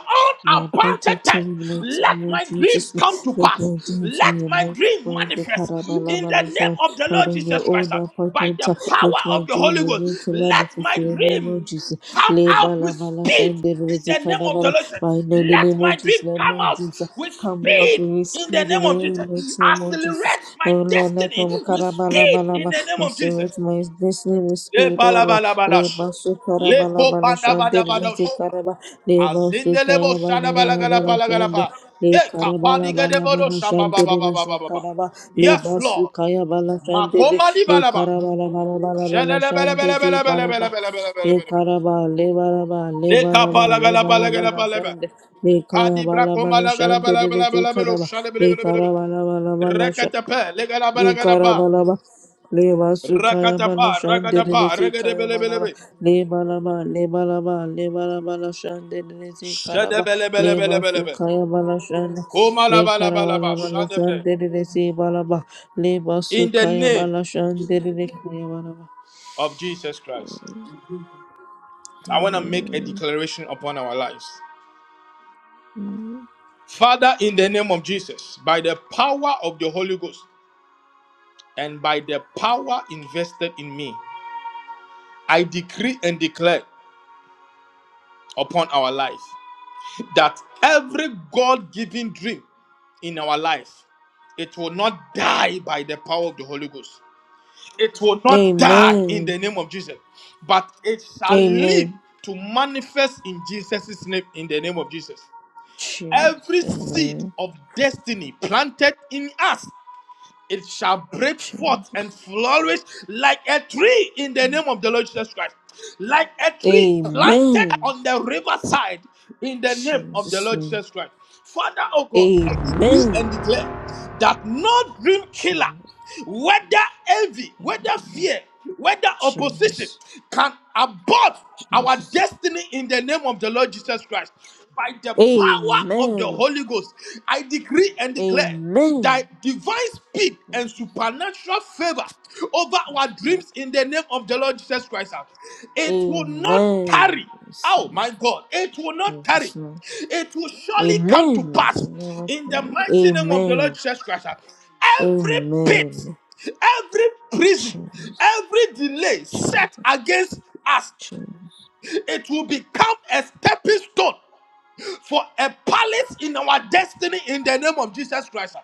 Speaker 1: the
Speaker 2: appointed
Speaker 1: appointed
Speaker 2: time,
Speaker 1: time, mighty
Speaker 2: let
Speaker 1: name of
Speaker 2: my dreams
Speaker 1: Jesus.
Speaker 2: come to
Speaker 1: Let my
Speaker 2: pass.
Speaker 1: dreams be
Speaker 2: Let my dream
Speaker 1: multiplied, the
Speaker 2: manifest in the name
Speaker 1: Karabalabalasan,
Speaker 2: of the
Speaker 1: Father,
Speaker 2: Lord
Speaker 1: in your
Speaker 2: Jesus Christ
Speaker 1: own
Speaker 2: by
Speaker 1: appointed
Speaker 2: the
Speaker 1: time. Let
Speaker 2: power
Speaker 1: my
Speaker 2: of the Holy
Speaker 1: dream
Speaker 2: Ghost.
Speaker 1: begin to
Speaker 2: Let
Speaker 1: manifest
Speaker 2: my
Speaker 1: in the name of
Speaker 2: dream
Speaker 1: Jesus.
Speaker 2: come out with speed
Speaker 1: Lebalabalashan,
Speaker 2: in
Speaker 1: Devilizzi
Speaker 2: the name of the
Speaker 1: Karabala,
Speaker 2: Lord. Jesus.
Speaker 1: by the
Speaker 2: Let
Speaker 1: name
Speaker 2: my
Speaker 1: of
Speaker 2: dream
Speaker 1: Jesus, let
Speaker 2: come
Speaker 1: my
Speaker 2: out
Speaker 1: dreams
Speaker 2: with
Speaker 1: come out
Speaker 2: speed
Speaker 1: with
Speaker 2: in the
Speaker 1: speed in
Speaker 2: name of
Speaker 1: the
Speaker 2: Jesus.
Speaker 1: mighty name of Jesus.
Speaker 2: Accelerate my
Speaker 1: Oh Lord, let my
Speaker 2: destiny with speed
Speaker 1: Karabalabala.
Speaker 2: in the name
Speaker 1: And
Speaker 2: of
Speaker 1: so
Speaker 2: Jesus.
Speaker 1: it's my destiny with
Speaker 2: Le
Speaker 1: speed, O Lord.
Speaker 2: palabalabadash.
Speaker 1: Leba sukara
Speaker 2: Le
Speaker 1: bala bala shande, lezi
Speaker 2: kopandabadabadosh.
Speaker 1: karaba. Leba
Speaker 2: Azindelebo
Speaker 1: sukaya bala bala bala shande.
Speaker 2: shadabalagalapalagalapa.
Speaker 1: Le
Speaker 2: Eh,
Speaker 1: karabala bala
Speaker 2: kapaligadebodo
Speaker 1: bala shande, lezi
Speaker 2: shambababababababa.
Speaker 1: karaba.
Speaker 2: Yes,
Speaker 1: Leba
Speaker 2: Lord.
Speaker 1: sukaya bala shande, le
Speaker 2: Makoma
Speaker 1: le
Speaker 2: libalaba.
Speaker 1: karabala bala bala bala
Speaker 2: Shelele bele
Speaker 1: shande,
Speaker 2: bele
Speaker 1: zi
Speaker 2: bele bele
Speaker 1: bala
Speaker 2: bele
Speaker 1: ba.
Speaker 2: bele bele bele
Speaker 1: Le
Speaker 2: bele
Speaker 1: karaba, le bala ba, le
Speaker 2: Le
Speaker 1: bala ba,
Speaker 2: kapala
Speaker 1: le
Speaker 2: gala bala
Speaker 1: bala
Speaker 2: gala
Speaker 1: bala
Speaker 2: bala bala.
Speaker 1: shande. Le
Speaker 2: Kadi
Speaker 1: karabala
Speaker 2: brakoma
Speaker 1: bala
Speaker 2: la gala
Speaker 1: shande,
Speaker 2: bala bala
Speaker 1: lezi
Speaker 2: bala bala.
Speaker 1: karaba.
Speaker 2: Shale bele
Speaker 1: Le
Speaker 2: bele bele bele
Speaker 1: karabala bala
Speaker 2: Shelelebelebelebelebelebelebelebelebele. Lekapalagalabalagalabalabe. Kadibrakomalagalabalabalabalabelo. Shalebelebelebelebe.
Speaker 1: bala shande.
Speaker 2: Rakatapa, legalabalagalabalaba.
Speaker 1: Nikarabalaba. Leba sukaya
Speaker 2: Rakatapa,
Speaker 1: bala shandere
Speaker 2: rakatapa,
Speaker 1: lesi kaya balaba.
Speaker 2: regadebelebelebe.
Speaker 1: Leba laba, leba laba, leba laba la shandere lesi
Speaker 2: Shadebelebelebelebelebe. Komalabalabalaba. bele Shade
Speaker 1: karaba.
Speaker 2: bele bele bele
Speaker 1: Leba
Speaker 2: bele bele.
Speaker 1: sukaya bala shande.
Speaker 2: Koma la
Speaker 1: Le
Speaker 2: bala bala
Speaker 1: karabala
Speaker 2: bala.
Speaker 1: bala
Speaker 2: Shade bele.
Speaker 1: shandere lesi balaba. Leba
Speaker 2: In the
Speaker 1: sukaya
Speaker 2: name
Speaker 1: bala shandere le kaya balaba.
Speaker 2: of Jesus Christ, I want to make a
Speaker 1: Amen.
Speaker 2: declaration upon our lives. Father, in the name of Jesus, by the power of the Holy Ghost, and by the power invested in me, I decree and declare upon our life that every God given dream in our life, it will not die by the power of the Holy Ghost. It will not die in
Speaker 1: Amen.
Speaker 2: the name of Jesus, but it shall live
Speaker 1: Amen.
Speaker 2: to manifest in Jesus' name, in the name of Jesus.
Speaker 1: Jesus.
Speaker 2: Every seed
Speaker 1: Amen.
Speaker 2: of destiny planted in us it shall break forth
Speaker 1: Jesus.
Speaker 2: and flourish like a tree in the name of the Lord Jesus Christ. Like a tree planted
Speaker 1: Amen.
Speaker 2: on the riverside in the name of the
Speaker 1: Jesus
Speaker 2: Lord
Speaker 1: name.
Speaker 2: Jesus Christ. Father, oh God, I decree and
Speaker 1: Amen.
Speaker 2: declare that no dream killer,
Speaker 1: Jesus.
Speaker 2: whether envy, whether
Speaker 1: Amen.
Speaker 2: fear, whether opposition,
Speaker 1: Jesus.
Speaker 2: can abort our
Speaker 1: Jesus.
Speaker 2: destiny in the name of the Lord Jesus Christ. By the power of the
Speaker 1: Amen.
Speaker 2: Holy Ghost, I decree and declare
Speaker 1: Amen.
Speaker 2: that divine speed and
Speaker 1: Jesus,
Speaker 2: supernatural favor over our
Speaker 1: Lord.
Speaker 2: dreams in the name of the Lord Jesus Christ. It will not
Speaker 1: Amen.
Speaker 2: tarry. Oh my
Speaker 1: Jesus.
Speaker 2: God, it will not tarry.
Speaker 1: Lord.
Speaker 2: It will surely come to
Speaker 1: Amen.
Speaker 2: pass
Speaker 1: You know
Speaker 2: in the
Speaker 1: what?
Speaker 2: mighty name of the
Speaker 1: Amen.
Speaker 2: Lord Jesus Christ. Every pit
Speaker 1: Amen.
Speaker 2: every prison,
Speaker 1: Jesus.
Speaker 2: every delay
Speaker 1: Jesus.
Speaker 2: set against us
Speaker 1: Jesus.
Speaker 2: it will become a stepping stone for a palace in our destiny in the name of Jesus Christ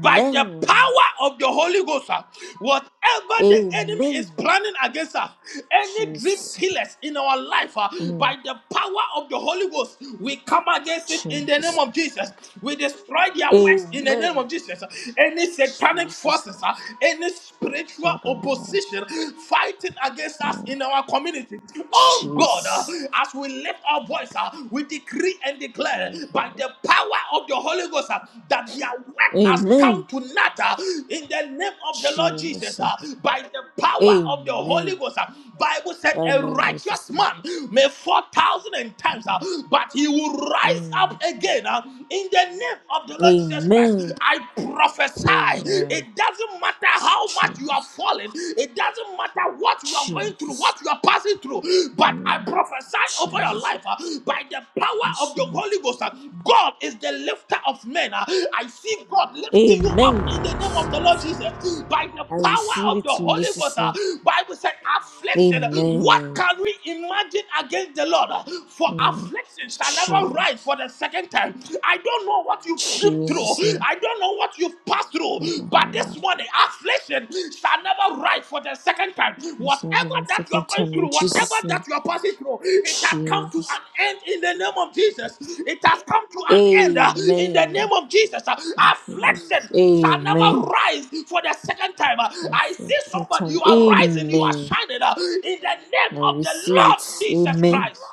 Speaker 2: by the power of the Holy Ghost, ah, whatever the enemy is
Speaker 1: Amen.
Speaker 2: planning against us, any dream
Speaker 1: Jesus.
Speaker 2: killers in our life, ah,
Speaker 1: Mm.
Speaker 2: by the power of the Holy Ghost, we come against it in the name
Speaker 1: Jesus.
Speaker 2: of Jesus. We destroy their works in the name
Speaker 1: Amen.
Speaker 2: of Jesus. Any satanic
Speaker 1: Jesus.
Speaker 2: forces, ah, any spiritual opposition fighting against us
Speaker 1: Mm,
Speaker 2: in our community, oh God, ah,
Speaker 1: Jesus.
Speaker 2: as we lift our voice, we decree and declare by
Speaker 1: Mhm.
Speaker 2: the power of the Holy Ghost uh, that their work has come
Speaker 1: Amen.
Speaker 2: to naught uh, in the name of the Lord Jesus.
Speaker 1: Jesus.
Speaker 2: uh, By the power of the Holy
Speaker 1: Amen.
Speaker 2: Ghost, uh, Bible said
Speaker 1: Right
Speaker 2: a
Speaker 1: now,
Speaker 2: righteous
Speaker 1: Jesus.
Speaker 2: man may fall thousand and times, uh, but he will rise
Speaker 1: Mm.
Speaker 2: up again uh, in the name of the Lord Jesus Christ.
Speaker 1: Amen.
Speaker 2: I prophesy.
Speaker 1: Amen.
Speaker 2: It doesn't matter how much you are
Speaker 1: Jesus.
Speaker 2: falling. It doesn't doesn't matter what you are going through, what
Speaker 1: Jesus.
Speaker 2: you are passing through, but I
Speaker 1: Mm.
Speaker 2: prophesy over your
Speaker 1: Jesus.
Speaker 2: life uh, by the power of the
Speaker 1: Receive
Speaker 2: Holy
Speaker 1: it.
Speaker 2: Ghost. uh, God is the lifter of men. uh, I see God lifting you up
Speaker 1: Amen.
Speaker 2: in the name of the Lord Jesus by the
Speaker 1: I
Speaker 2: power
Speaker 1: receive
Speaker 2: of the
Speaker 1: it in
Speaker 2: Holy
Speaker 1: Jesus'
Speaker 2: Ghost. uh,
Speaker 1: name.
Speaker 2: Bible said, affliction. What
Speaker 1: Amen.
Speaker 2: can we imagine against the Lord? For
Speaker 1: Mm.
Speaker 2: affliction shall never rise
Speaker 1: Jesus.
Speaker 2: for the second time. I don't know what you've been through.
Speaker 1: Jesus. name.
Speaker 2: I don't know what you've passed through, but this morning, affliction shall never rise for the second time.
Speaker 1: Receive
Speaker 2: Whatever
Speaker 1: it a
Speaker 2: that you're
Speaker 1: Second
Speaker 2: going
Speaker 1: time
Speaker 2: through,
Speaker 1: in
Speaker 2: whatever
Speaker 1: Jesus'
Speaker 2: that
Speaker 1: name.
Speaker 2: you're passing through, it has come to
Speaker 1: Jesus.
Speaker 2: an end in the name of Jesus. It has come to an end uh, in the
Speaker 1: Amen.
Speaker 2: name of Jesus. Uh,
Speaker 1: Thank you, Jesus.
Speaker 2: Affliction shall never
Speaker 1: Amen.
Speaker 2: rise for the second time. Uh, I
Speaker 1: Receive
Speaker 2: see somebody,
Speaker 1: time.
Speaker 2: you are rising, you are
Speaker 1: Amen.
Speaker 2: shining uh, in the name
Speaker 1: I
Speaker 2: of the
Speaker 1: receive
Speaker 2: Lord
Speaker 1: it.
Speaker 2: Jesus
Speaker 1: Amen.
Speaker 2: Christ.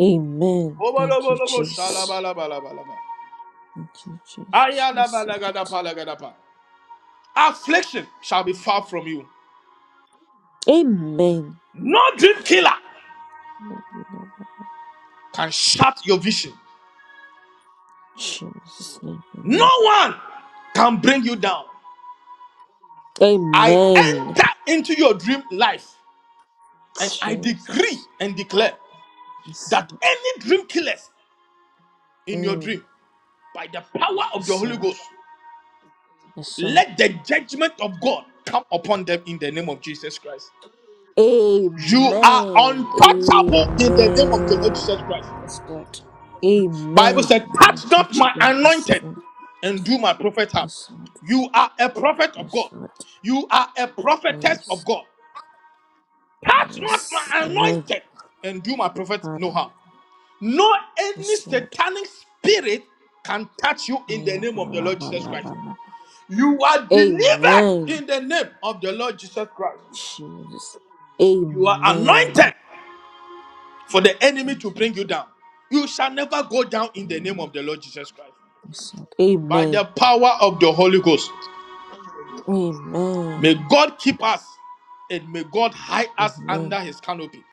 Speaker 1: Amen. Thank you,
Speaker 2: Obolobolobo,
Speaker 1: Jesus.
Speaker 2: shalabalabalabalaba.
Speaker 1: Thank you, Jesus. I receive it.
Speaker 2: Ayalabalagadabalagada. Affliction shall be far from you.
Speaker 1: Amen.
Speaker 2: No dream killer
Speaker 1: Lord, we love you.
Speaker 2: can shut your vision.
Speaker 1: Jesus' name.
Speaker 2: No
Speaker 1: Amen.
Speaker 2: one can bring you down. I
Speaker 1: Amen.
Speaker 2: enter into your dream life and I decree
Speaker 1: Jesus.
Speaker 2: and declare
Speaker 1: Yes,
Speaker 2: that
Speaker 1: Lord.
Speaker 2: any dream killers in your
Speaker 1: Mm.
Speaker 2: dream, by the power of the
Speaker 1: Yes,
Speaker 2: Holy
Speaker 1: Lord.
Speaker 2: Ghost,
Speaker 1: Yes, Lord.
Speaker 2: let the judgment of God come upon them in the name of Jesus Christ. You are
Speaker 1: Amen.
Speaker 2: untouchable in the name of the Lord
Speaker 1: Amen.
Speaker 2: Jesus Christ.
Speaker 1: Yes, Lord.
Speaker 2: Bible
Speaker 1: Amen.
Speaker 2: said,
Speaker 1: I'm
Speaker 2: touch not my
Speaker 1: untouchable. Yes,
Speaker 2: anointed
Speaker 1: Lord.
Speaker 2: and do my prophet harm.
Speaker 1: Yes, Lord.
Speaker 2: You are a prophet of
Speaker 1: Yes,
Speaker 2: God.
Speaker 1: Lord.
Speaker 2: You are a
Speaker 1: Oh,
Speaker 2: prophetess of
Speaker 1: yes.
Speaker 2: God.
Speaker 1: Oh,
Speaker 2: Touch not
Speaker 1: yes.
Speaker 2: my
Speaker 1: Amen.
Speaker 2: anointed and do my prophet no
Speaker 1: Father.
Speaker 2: harm. No any
Speaker 1: Yes, Lord.
Speaker 2: satanic spirit can touch you
Speaker 1: I
Speaker 2: in the
Speaker 1: am.
Speaker 2: name of the
Speaker 1: la,
Speaker 2: Lord
Speaker 1: la,
Speaker 2: Jesus
Speaker 1: la,
Speaker 2: Christ.
Speaker 1: la, la.
Speaker 2: You are delivered
Speaker 1: Amen.
Speaker 2: in the name of the Lord Jesus Christ.
Speaker 1: Jesus.
Speaker 2: You are
Speaker 1: Amen.
Speaker 2: anointed for the enemy
Speaker 1: Thank
Speaker 2: to
Speaker 1: you,
Speaker 2: bring you
Speaker 1: Jesus.
Speaker 2: down. You shall never go down in the name
Speaker 1: Amen.
Speaker 2: of the Lord Jesus Christ.
Speaker 1: Yes, Lord.
Speaker 2: by the
Speaker 1: Amen.
Speaker 2: power of the Holy Ghost. May
Speaker 1: Amen.
Speaker 2: God keep us and may God hide us
Speaker 1: Amen.
Speaker 2: under his canopy.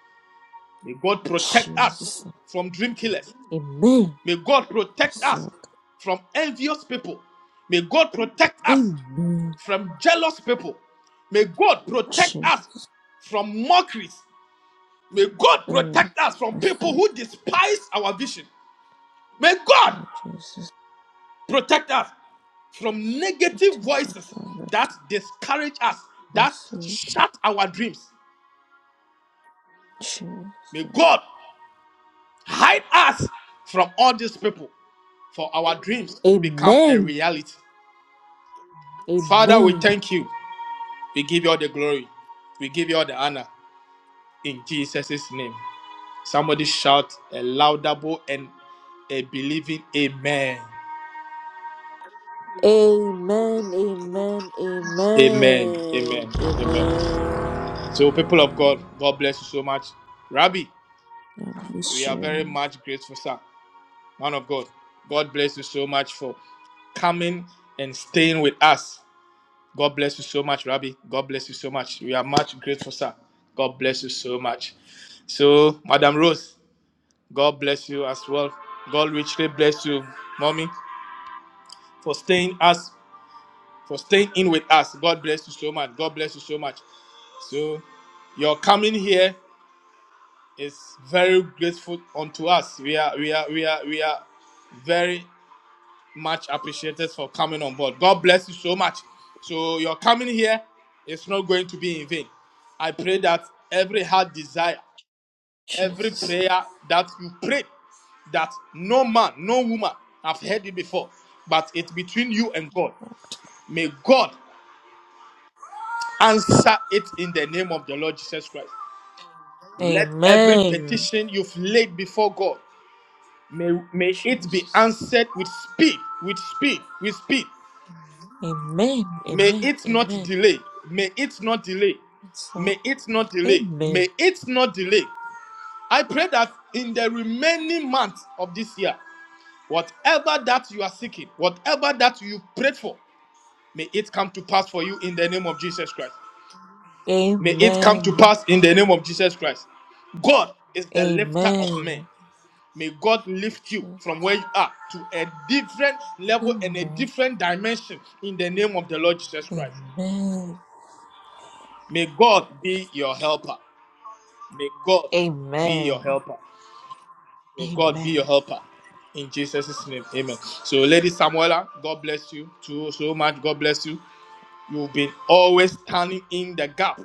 Speaker 2: May God protect us
Speaker 1: Jesus.
Speaker 2: from dream killers.
Speaker 1: Amen.
Speaker 2: May God protect
Speaker 1: Yes,
Speaker 2: us
Speaker 1: Lord.
Speaker 2: from envious people. May God protect us
Speaker 1: Amen.
Speaker 2: from jealous people. May God protect
Speaker 1: Jesus.
Speaker 2: us from mockeries. May God
Speaker 1: Mm.
Speaker 2: protect us from
Speaker 1: Yes,
Speaker 2: people
Speaker 1: Lord.
Speaker 2: who despise our vision. May God
Speaker 1: Oh, Jesus.
Speaker 2: Protect us from
Speaker 1: Amen.
Speaker 2: negative voices
Speaker 1: Amen.
Speaker 2: that discourage us, that shut our dreams. May God hide us from all these people for our dreams to become a reality. Father, we
Speaker 1: Amen.
Speaker 2: thank you. We give you all the glory. We give you all the honor in Jesus' name. Somebody shout a laudable and a believing amen.
Speaker 1: Amen. Amen.
Speaker 2: Amen.
Speaker 1: Amen.
Speaker 2: Amen. Amen. So, people of God, God bless you so much. Rabbi,
Speaker 1: God
Speaker 2: We
Speaker 1: bless
Speaker 2: are very
Speaker 1: you.
Speaker 2: much grateful, sir. Man of God, God bless you so much for coming and staying with us. God bless you so much, Rabbi. God bless you so much. We are much grateful, sir. God bless you so much. So, Madam Rose, God bless you as well. God richly bless you, mommy, for staying us, for staying in with us. God bless you so much. God bless you so much. So, your coming here is very grateful unto us. We are, we are, we are, we are very much appreciated for coming on board. God bless you so much. So your coming here is not going to be in vain. I pray that every heart desire, every
Speaker 1: Jesus.
Speaker 2: prayer that you pray, that no man, no woman have heard it before, but it's between you and God. May God answer it in the name of the Lord Jesus Christ. Let every
Speaker 1: Amen.
Speaker 2: petition you've laid before God may, may it be
Speaker 1: Jesus.
Speaker 2: answered with speed, with speed, with speed.
Speaker 1: Amen.
Speaker 2: May
Speaker 1: Amen.
Speaker 2: it not
Speaker 1: Amen.
Speaker 2: delay. May it not delay.
Speaker 1: That's Lord.
Speaker 2: May it not delay.
Speaker 1: Amen.
Speaker 2: May it not delay. I pray that in the remaining months of this year, whatever that you are seeking, whatever that you prayed for, may it come to pass for you in the name of Jesus Christ. May it come to
Speaker 1: Amen.
Speaker 2: pass in the name of Jesus Christ. God is the lifter of men.
Speaker 1: Amen.
Speaker 2: May God lift you from where
Speaker 1: Jesus.
Speaker 2: you are to a different level and a
Speaker 1: Amen.
Speaker 2: different dimension in the name of the Lord Jesus Christ.
Speaker 1: Amen.
Speaker 2: May God be your helper. May God be your
Speaker 1: Amen.
Speaker 2: helper. May God be your
Speaker 1: Amen.
Speaker 2: helper. In Jesus' name, amen. So, Lady Samuela, God bless you too, so much. God bless you. You've been always standing in the gap.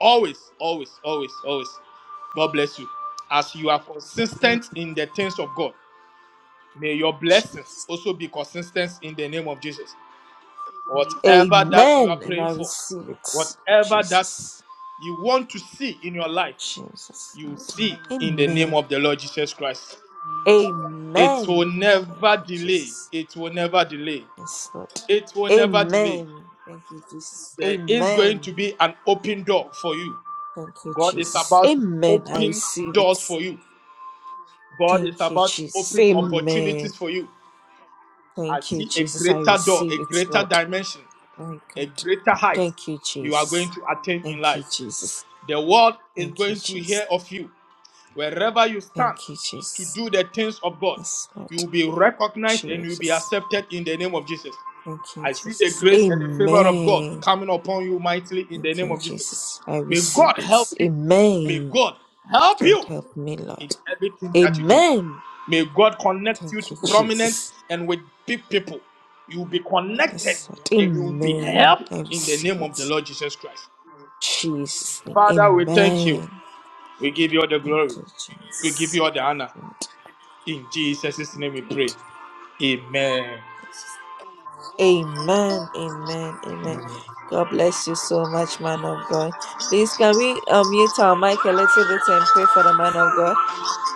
Speaker 2: Always, always, always, always. God bless you. As you are
Speaker 1: Amen.
Speaker 2: consistent in the things of God, may your blessings
Speaker 1: Jesus.
Speaker 2: also be consistent in the name of Jesus. Whatever that you are
Speaker 1: Amen. And
Speaker 2: praying
Speaker 1: I
Speaker 2: for,
Speaker 1: receive it.
Speaker 2: whatever that
Speaker 1: Jesus.
Speaker 2: you want to see in your life,
Speaker 1: Jesus.
Speaker 2: you
Speaker 1: Lord.
Speaker 2: see in the
Speaker 1: Amen.
Speaker 2: name of the Lord Jesus Christ. It will
Speaker 1: Amen. Thank
Speaker 2: never
Speaker 1: you,
Speaker 2: delay.
Speaker 1: Jesus.
Speaker 2: It will never delay.
Speaker 1: Yes, Lord.
Speaker 2: It will never delay.
Speaker 1: Amen. Thank you, Jesus.
Speaker 2: There is going to
Speaker 1: Amen.
Speaker 2: be an open door for you.
Speaker 1: Thank you,
Speaker 2: God is
Speaker 1: Jesus.
Speaker 2: about to
Speaker 1: Amen. I
Speaker 2: open
Speaker 1: receive it.
Speaker 2: doors for you. God is
Speaker 1: Thank you,
Speaker 2: about to
Speaker 1: Jesus.
Speaker 2: open
Speaker 1: Amen.
Speaker 2: opportunities for you. I
Speaker 1: Thank you,
Speaker 2: see a
Speaker 1: Jesus. I
Speaker 2: greater door,
Speaker 1: receive
Speaker 2: a
Speaker 1: it,
Speaker 2: greater
Speaker 1: Lord.
Speaker 2: dimension,
Speaker 1: My
Speaker 2: a
Speaker 1: God.
Speaker 2: greater height
Speaker 1: Thank you,
Speaker 2: you are going
Speaker 1: Jesus.
Speaker 2: to attain in
Speaker 1: Thank
Speaker 2: life.
Speaker 1: you, Jesus.
Speaker 2: The world is
Speaker 1: Thank you,
Speaker 2: going to
Speaker 1: Jesus.
Speaker 2: hear of you. Wherever you stand
Speaker 1: Thank you,
Speaker 2: to
Speaker 1: Jesus.
Speaker 2: do the things of God,
Speaker 1: Yes,
Speaker 2: you
Speaker 1: Lord.
Speaker 2: will be recognized and you will be
Speaker 1: Jesus.
Speaker 2: accepted in the name of Jesus.
Speaker 1: Thank you,
Speaker 2: I see the
Speaker 1: Jesus.
Speaker 2: grace and the favor of God
Speaker 1: Amen.
Speaker 2: coming upon you mightily in the
Speaker 1: Thank
Speaker 2: name
Speaker 1: you,
Speaker 2: of Jesus.
Speaker 1: Jesus. I
Speaker 2: May
Speaker 1: receive
Speaker 2: God
Speaker 1: it.
Speaker 2: help you. May
Speaker 1: Amen.
Speaker 2: God help
Speaker 1: God
Speaker 2: you
Speaker 1: help me,
Speaker 2: in
Speaker 1: Lord.
Speaker 2: everything that you do.
Speaker 1: Amen.
Speaker 2: May God connect you
Speaker 1: Thank
Speaker 2: to
Speaker 1: you,
Speaker 2: prominent
Speaker 1: Jesus.
Speaker 2: and with big people. You will be connected
Speaker 1: Yes, Lord.
Speaker 2: and you will be
Speaker 1: Amen.
Speaker 2: helped
Speaker 1: I
Speaker 2: in the
Speaker 1: receive
Speaker 2: name of the
Speaker 1: it.
Speaker 2: Lord Jesus Christ.
Speaker 1: Jesus' name.
Speaker 2: Father, we thank you.
Speaker 1: Amen.
Speaker 2: We give you all the
Speaker 1: Thank
Speaker 2: glory.
Speaker 1: you,
Speaker 2: We give
Speaker 1: Jesus.
Speaker 2: you all the honor.
Speaker 1: Lord.
Speaker 2: In Jesus' name we pray. Amen.
Speaker 1: Amen, amen, amen. God bless you so much, man of God. Please, can we uh, mute our mic a little bit and pray for the man of God?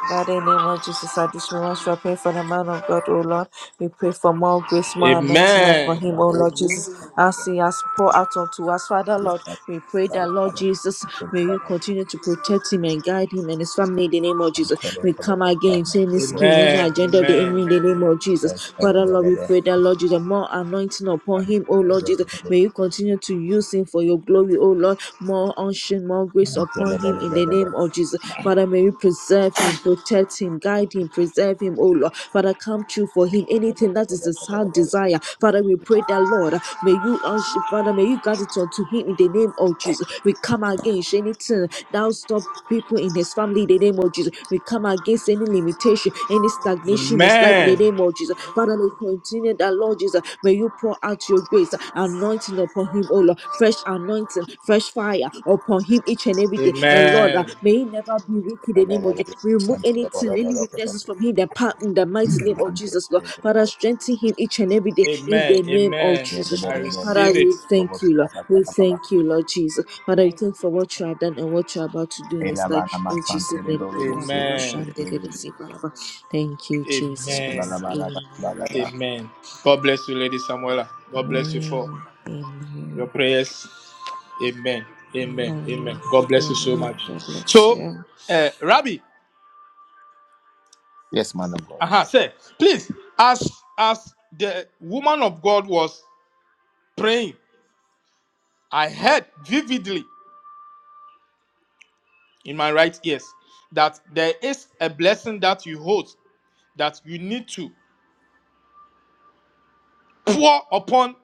Speaker 1: Father, in the name of Jesus, at this moment, we are praying for the man of God, O Lord. We pray for more grace, more anointing upon
Speaker 2: Amen.
Speaker 1: him, O Lord Jesus, as he has poured out unto us. Father, Lord, we pray that, Lord Jesus, may you continue to protect him and guide him and his family in the name of Jesus. We come against any scheme, any
Speaker 2: Amen.
Speaker 1: agenda of the enemy
Speaker 2: Amen.
Speaker 1: in the name of Jesus. Father, Lord, we pray that, Lord Jesus, more anointing upon him, O Lord Jesus. May you continue to use him for your glory, O Lord. More more unction, more grace upon him in the name of Jesus. Father, may you preserve him, protect him, guide him, preserve him, oh Lord. Father, come true for him. Anything that is his heart desire. Father, we pray that, Lord, may you, unction, Father, may you grant it unto him in the name of Jesus. We come against anything thou stop people in his family in the name of Jesus. We come against any limitation, any stagnation in his life in the
Speaker 2: Amen.
Speaker 1: name of Jesus. Father, we continue that, Lord Jesus. May you pour out your grace, anointing upon him, oh Lord. Fresh anointing, fresh fire upon him each and every day. And Lord, uh,
Speaker 2: Amen.
Speaker 1: may he never be weak in the name of you. We remove anything, any weaknesses from him that part in the mighty name of Jesus, Lord. Father, strengthen him each and every day in the
Speaker 2: Amen.
Speaker 1: name of
Speaker 2: Amen.
Speaker 1: Jesus,
Speaker 2: I
Speaker 1: Lord. Father,
Speaker 2: receive it.
Speaker 1: we thank you, Lord. We thank you, Lord Jesus. Father, we
Speaker 3: Thank
Speaker 1: thank you for
Speaker 3: you.
Speaker 1: what you
Speaker 3: Thank
Speaker 1: have done and what you are about to do in his life. In Jesus' name.
Speaker 2: Amen.
Speaker 1: Thank you, Jesus Christ.
Speaker 2: Amen.
Speaker 1: Amen.
Speaker 2: Amen. God bless you, Lady Samuela. God bless you
Speaker 1: Amen.
Speaker 2: for your
Speaker 1: Amen.
Speaker 2: prayers. Amen. Amen. Amen.
Speaker 1: Amen.
Speaker 2: God bless you so
Speaker 1: Amen.
Speaker 2: much.
Speaker 1: God bless
Speaker 2: So,
Speaker 1: you.
Speaker 2: uh, Rabbi,
Speaker 4: Yes, man of God.
Speaker 2: uh-huh, say, please, as as the woman of God was praying, I heard vividly in my right ears that there is a blessing that you hold that you need to pour upon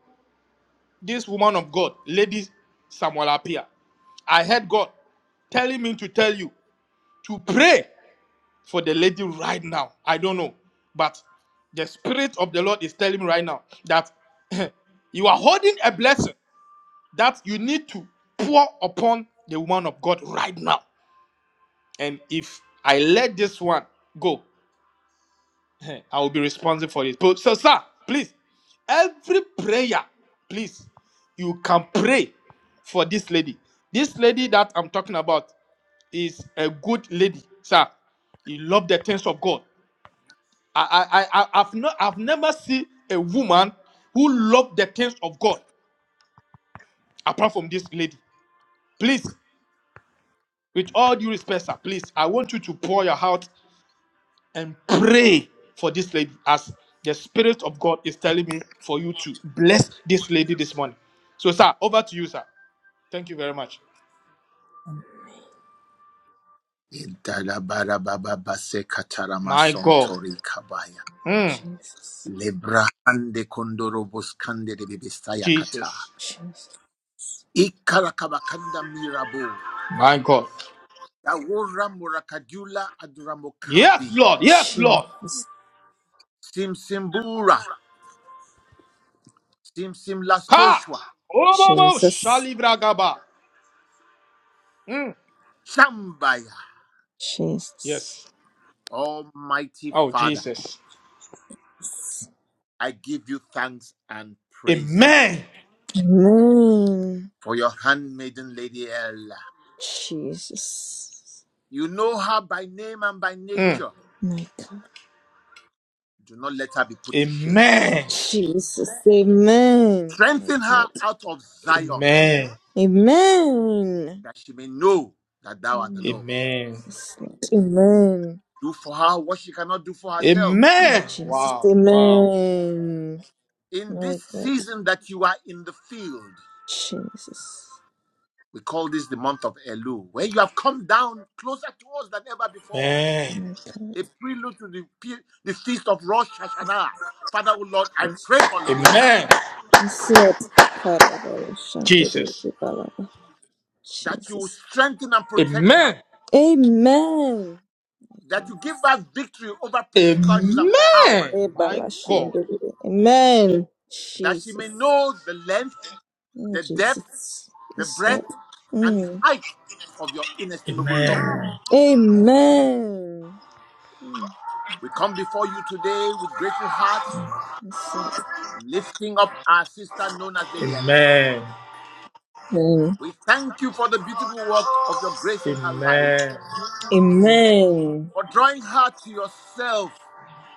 Speaker 2: this woman of God, Lady Samuel Apia. I heard God telling me to tell you to pray for the lady right now. I don't know, but the Spirit of the Lord is telling me right now that you are holding a blessing that you need to pour upon the woman of God right now. And if I let this one go, I will be responsible for it. But- So, sir, please, every prayer, please, you can pray for this lady. This lady that I'm talking about is a good lady, sir. He loved the things of God. I, I, I, I- I've not, I've never seen a woman who loved the things of God apart from this lady. Please, with all due respect, sir, please, I want you to pour your heart and pray for this lady as the Spirit of God is telling me for you to bless this lady this morning. So, sir, over to you, sir. Thank you very much.
Speaker 4: Idalabarababase
Speaker 2: My
Speaker 4: kataramason
Speaker 2: God.
Speaker 4: tori kabaya.
Speaker 2: Mm,
Speaker 1: Jesus.
Speaker 4: Lebrahande kondorobos kandere bebestaya kata.
Speaker 2: Jesus.
Speaker 1: Jesus.
Speaker 4: Ikarakabakanda mirabu.
Speaker 2: My God.
Speaker 4: Awura murakadula
Speaker 2: Yes,
Speaker 4: adramokadi.
Speaker 2: Lord. Yes, Lord.
Speaker 1: Jesus.
Speaker 4: Simsimbura.
Speaker 2: Ka.
Speaker 4: Simsimlastoshwa.
Speaker 2: Obobo
Speaker 1: Jesus.
Speaker 2: shalibragaba. Mm,
Speaker 4: Shambaya.
Speaker 1: Jesus.
Speaker 2: Yes.
Speaker 4: Almighty
Speaker 2: Oh,
Speaker 4: Father,
Speaker 2: Jesus.
Speaker 4: I give you thanks and praises
Speaker 2: Amen.
Speaker 1: Amen.
Speaker 4: for your handmaiden Lady Ella.
Speaker 1: Jesus.
Speaker 4: You know her by name and by
Speaker 2: Mm,
Speaker 4: nature.
Speaker 1: My God.
Speaker 4: Do not let her be put to shame.
Speaker 2: Amen.
Speaker 1: Jesus. Amen. My
Speaker 4: Strengthen her
Speaker 1: God.
Speaker 4: out of Zion,
Speaker 2: Amen.
Speaker 1: Amen.
Speaker 4: that she may know that thou art the
Speaker 1: Amen.
Speaker 4: Lord.
Speaker 2: Amen.
Speaker 1: Yes, Lord. Amen.
Speaker 4: Do for her what she cannot do for herself.
Speaker 1: Oh,
Speaker 2: Amen.
Speaker 1: Jesus.
Speaker 2: Wow. Wow.
Speaker 1: Amen.
Speaker 4: In
Speaker 1: My
Speaker 4: this
Speaker 1: God.
Speaker 4: season that you are in the field,
Speaker 1: Jesus.
Speaker 4: we call this the month of Elul, where you have come down closer to us than ever before.
Speaker 2: Amen.
Speaker 1: My God.
Speaker 4: A prelude to the, the feast of Rosh Hashanah. Father, O Lord, I pray
Speaker 1: Jesus.
Speaker 4: for Lady Ella
Speaker 2: Amen.
Speaker 1: Yes, Lord. God, I will shout it with
Speaker 2: Jesus.
Speaker 1: the ballad.
Speaker 4: that you will
Speaker 1: Jesus.
Speaker 4: strengthen and protect her,
Speaker 2: Amen.
Speaker 1: Amen.
Speaker 4: that you give her victory over principalities and
Speaker 2: Amen.
Speaker 4: powers,
Speaker 2: My God.
Speaker 1: Amen.
Speaker 4: that she may
Speaker 1: Jesus.
Speaker 4: know the length,
Speaker 1: Oh,
Speaker 4: the depth,
Speaker 1: Jesus.
Speaker 4: the
Speaker 1: Yes, Lord.
Speaker 4: breadth and the
Speaker 1: Mm.
Speaker 4: height of your inestimable love.
Speaker 2: Amen.
Speaker 1: Amen. Mm.
Speaker 4: We come before you today with grateful hearts,
Speaker 1: Yes, Lord.
Speaker 4: lifting up our sister known as Lady Ella.
Speaker 2: Amen.
Speaker 1: Mm.
Speaker 4: We thank you for the beautiful work of your grace in her life,
Speaker 2: Amen.
Speaker 1: Amen.
Speaker 4: for drawing her to yourself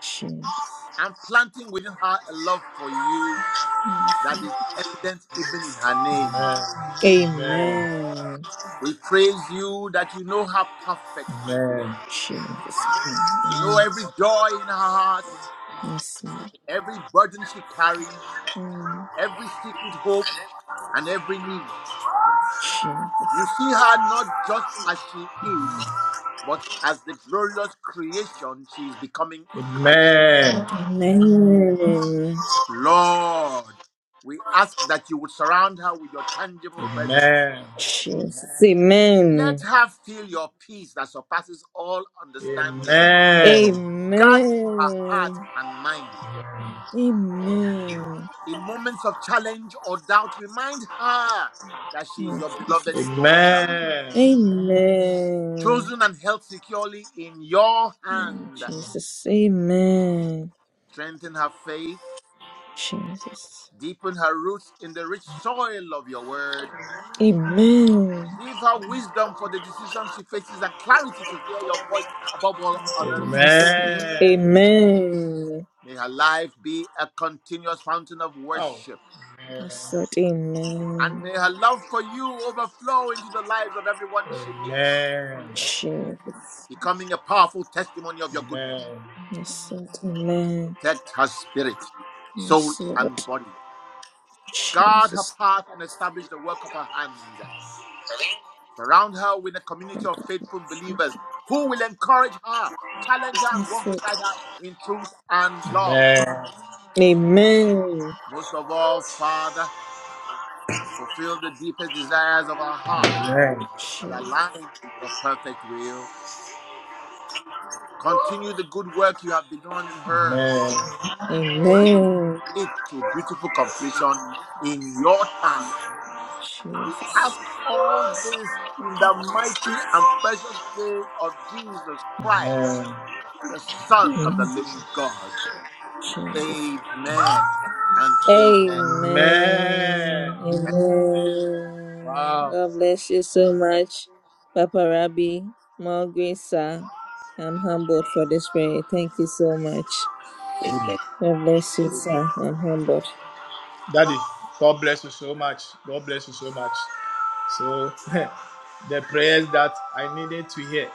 Speaker 1: Jesus.
Speaker 4: and planting within her a love for you
Speaker 1: Mm.
Speaker 4: that is evident even in her name.
Speaker 2: Amen.
Speaker 1: Amen.
Speaker 4: We praise you that you know her perfectly.
Speaker 2: Amen.
Speaker 1: Jesus. Mm.
Speaker 4: You know
Speaker 1: Amen.
Speaker 4: every joy in her heart,
Speaker 1: Yes, Lord.
Speaker 4: every burden she carries,
Speaker 1: Mm.
Speaker 4: every secret hope and every knee.
Speaker 1: Jesus.
Speaker 4: You see her not just as she is, but as the glorious creation she is becoming in Christ.
Speaker 2: Amen.
Speaker 1: Amen.
Speaker 4: Lord, we ask that you would surround her with your tangible presence.
Speaker 2: Amen.
Speaker 1: Jesus.
Speaker 4: Let
Speaker 1: Amen.
Speaker 4: her feel your peace that surpasses all understanding,
Speaker 2: Amen.
Speaker 4: guarding her heart
Speaker 1: Amen.
Speaker 4: and mind.
Speaker 1: Amen.
Speaker 4: In moments of challenge or doubt, remind her that she is
Speaker 1: Oh,
Speaker 4: your beloved
Speaker 1: Jesus.
Speaker 4: daughter,
Speaker 2: Amen. Amen.
Speaker 1: Amen.
Speaker 4: chosen and held securely in your
Speaker 1: Mm,
Speaker 4: hand.
Speaker 1: Jesus. Amen.
Speaker 4: Strengthen her faith
Speaker 1: Jesus.
Speaker 4: Deepen her roots in the rich soil of your word.
Speaker 1: Amen.
Speaker 4: Give her wisdom for the decisions she faces and clarity to hear your voice above all others.
Speaker 1: Yes, Lord.
Speaker 2: Amen.
Speaker 1: Amen.
Speaker 4: May her life be a continuous fountain of
Speaker 2: Oh.
Speaker 4: worship.
Speaker 2: Amen.
Speaker 1: Yes, Lord.
Speaker 4: And
Speaker 1: Amen.
Speaker 4: may her love for you overflow into the lives of everyone she meets,
Speaker 2: Amen.
Speaker 1: Jesus.
Speaker 4: becoming a powerful testimony of your goodness.
Speaker 2: Amen.
Speaker 1: Yes, Lord. Amen.
Speaker 4: Protect her spirit, soul,
Speaker 1: Yes,
Speaker 4: and
Speaker 1: Lord.
Speaker 4: body. Guard her
Speaker 1: Jesus.
Speaker 4: path and establish the work of her hands. Surround her with a community of faithful believers who will encourage her, challenge her, and
Speaker 1: Yes,
Speaker 4: walk
Speaker 1: Lord.
Speaker 4: beside her in truth and love.
Speaker 2: Amen.
Speaker 1: Amen.
Speaker 4: Most of all, Father, fulfill the deepest desires of our hearts
Speaker 2: Amen.
Speaker 4: that
Speaker 1: Jesus.
Speaker 4: align with your perfect will. Continue the good work you have begun in her
Speaker 2: Amen.
Speaker 4: and bring
Speaker 1: Amen.
Speaker 4: it to beautiful completion in your time. We
Speaker 1: Jesus.
Speaker 4: ask all this in the mighty and precious name of Jesus Christ
Speaker 2: Amen.
Speaker 4: the Son of the living God.
Speaker 1: Amen.
Speaker 4: Amen and amen.
Speaker 1: Amen.
Speaker 2: Amen.
Speaker 1: Amen.
Speaker 2: Wow.
Speaker 1: God bless you so much, Papa Rabbi. More grace, sir. I'm humbled for this prayer. Thank you so much.
Speaker 4: Amen.
Speaker 1: God bless you, sir. I'm humbled.
Speaker 2: Daddy, God bless you so much. God bless you so much. So, the prayers that I needed to hear,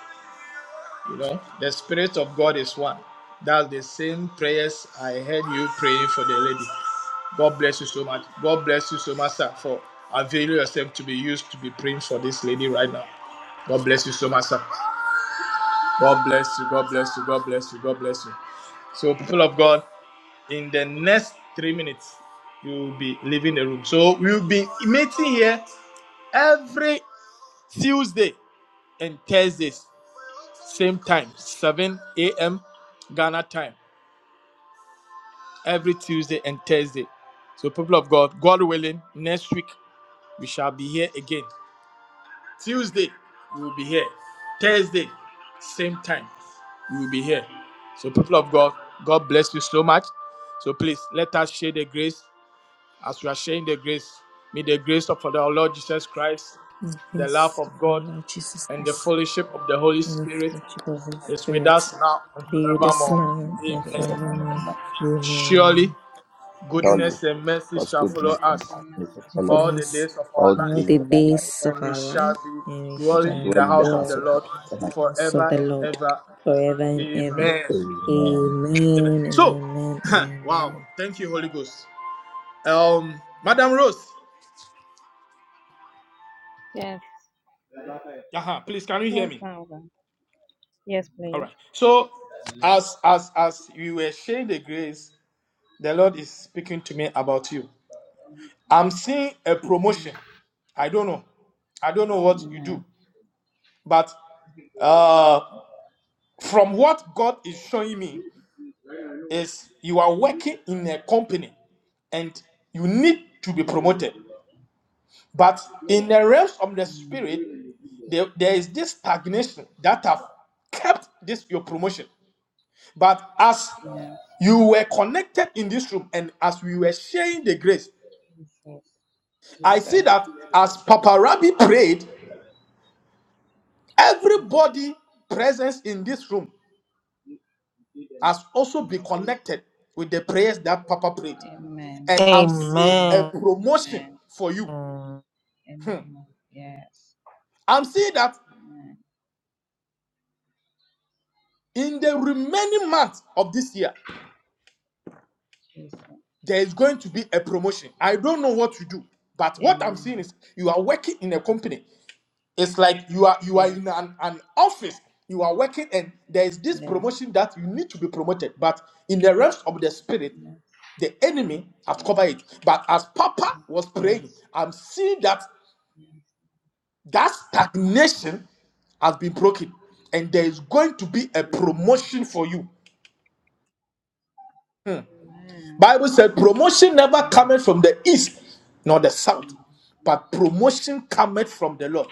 Speaker 2: you know, the Spirit of God is one. That's the same prayers I heard you praying for the lady. God bless you so much. God bless you so much, sir, for availing yourself to be used to be praying for this lady right now. God bless you so much, sir. God bless you. God bless you. God bless you. God bless you. So, people of God. in the next three minutes you will be leaving the room so we'll be meeting here every tuesday and thursdays same time 7 a.m ghana time every tuesday and thursday so people of god god willing next week we shall be here again tuesday we will be here thursday same time we will be here so people of god god bless you so much so please let us share the grace As we are sharing the grace, may the grace of our Lord Jesus Christ,
Speaker 3: you.
Speaker 2: the love
Speaker 1: Peace
Speaker 2: of
Speaker 1: of our
Speaker 2: God,
Speaker 1: Lord Jesus
Speaker 2: and the
Speaker 1: Christ,
Speaker 2: fellowship of the Holy
Speaker 1: and the
Speaker 2: Spirit
Speaker 1: fellowship of the Holy
Speaker 2: is with
Speaker 1: Spirit
Speaker 2: us now and
Speaker 1: be with us
Speaker 2: forevermore.
Speaker 1: now
Speaker 3: um,
Speaker 1: and
Speaker 2: Amen.
Speaker 1: forevermore.
Speaker 3: uh,
Speaker 2: Surely
Speaker 1: Amen.
Speaker 4: Surely,
Speaker 2: goodness and mercy
Speaker 4: God's
Speaker 2: shall follow
Speaker 4: goodness and
Speaker 2: us
Speaker 4: kindness will
Speaker 1: And
Speaker 4: follow us
Speaker 2: all
Speaker 1: Fill
Speaker 2: the
Speaker 1: us
Speaker 2: days of
Speaker 4: all
Speaker 2: our
Speaker 4: the
Speaker 2: life,
Speaker 1: all
Speaker 4: days
Speaker 1: the
Speaker 4: of our life.
Speaker 1: days of
Speaker 2: and we
Speaker 1: our life,
Speaker 2: shall
Speaker 1: and we
Speaker 2: be
Speaker 4: We shall
Speaker 2: dwelling in
Speaker 4: dwell
Speaker 1: shall
Speaker 2: the
Speaker 4: in the
Speaker 2: house of
Speaker 1: dwell
Speaker 4: house
Speaker 2: the
Speaker 4: of God.
Speaker 2: Lord
Speaker 1: house of
Speaker 2: forever
Speaker 1: the
Speaker 2: and
Speaker 1: Lord
Speaker 2: ever.
Speaker 1: forever and ever.
Speaker 2: Amen.
Speaker 4: Amen.
Speaker 2: Amen.
Speaker 1: Amen and
Speaker 2: So,
Speaker 1: amen
Speaker 2: wow.
Speaker 1: and
Speaker 2: Thank you, Holy Ghost. Um, Madam Rose.
Speaker 3: Yes,
Speaker 2: uh please, can you hear
Speaker 3: yes,
Speaker 2: me?
Speaker 3: Father. Yes,
Speaker 2: All
Speaker 3: please.
Speaker 2: right. So as as as you were sharing the grace, the Lord is speaking to me about you. I'm seeing a
Speaker 3: Mm.
Speaker 2: promotion. I don't know. I don't know what you do,
Speaker 3: Amen.
Speaker 2: but uh, from what God is showing me is you are working in a company and you need to be promoted. But in the realms of
Speaker 3: Mm.
Speaker 2: the spirit,
Speaker 3: Mm.
Speaker 2: there, there is this stagnation that have kept this your promotion. But as
Speaker 3: Yes.
Speaker 2: You were connected in this room, and as we were sharing the grace,
Speaker 3: Jesus. Jesus.
Speaker 2: I see that as Papa Rabbi prayed,
Speaker 3: Jesus.
Speaker 2: everybody present in this room has also been
Speaker 3: Jesus.
Speaker 2: connected with the prayers that Papa prayed.
Speaker 3: Amen.
Speaker 2: And I'm
Speaker 1: amen.
Speaker 2: seeing a
Speaker 3: Amen.
Speaker 2: promotion
Speaker 3: Amen.
Speaker 2: for you.
Speaker 1: Amen.
Speaker 2: Hmm.
Speaker 3: Amen. Yes.
Speaker 2: I'm seeing that
Speaker 3: Amen.
Speaker 2: in the remaining months of this year,
Speaker 3: Jesus.
Speaker 2: there is going to be a promotion. I don't know what to do, but what I'm
Speaker 3: Amen.
Speaker 2: seeing is you are working in a company It's like you are you are in
Speaker 3: Yes.
Speaker 2: an, an office, you are working, and there is this
Speaker 3: Yes.
Speaker 2: promotion that you need to be promoted. But in the realms of the spirit,
Speaker 3: Yes.
Speaker 2: the enemy has
Speaker 3: Jesus.
Speaker 2: covered it. But as Papa was
Speaker 3: Yes.
Speaker 2: praying,
Speaker 3: Yes.
Speaker 2: I'm seeing that that stagnation has been broken, and there is going to be a
Speaker 3: Amen.
Speaker 2: promotion for you.
Speaker 3: Amen.
Speaker 2: Bible said promotion never
Speaker 3: Amen.
Speaker 2: cometh from the east nor the south,
Speaker 3: Amen.
Speaker 2: but promotion cometh from the Lord.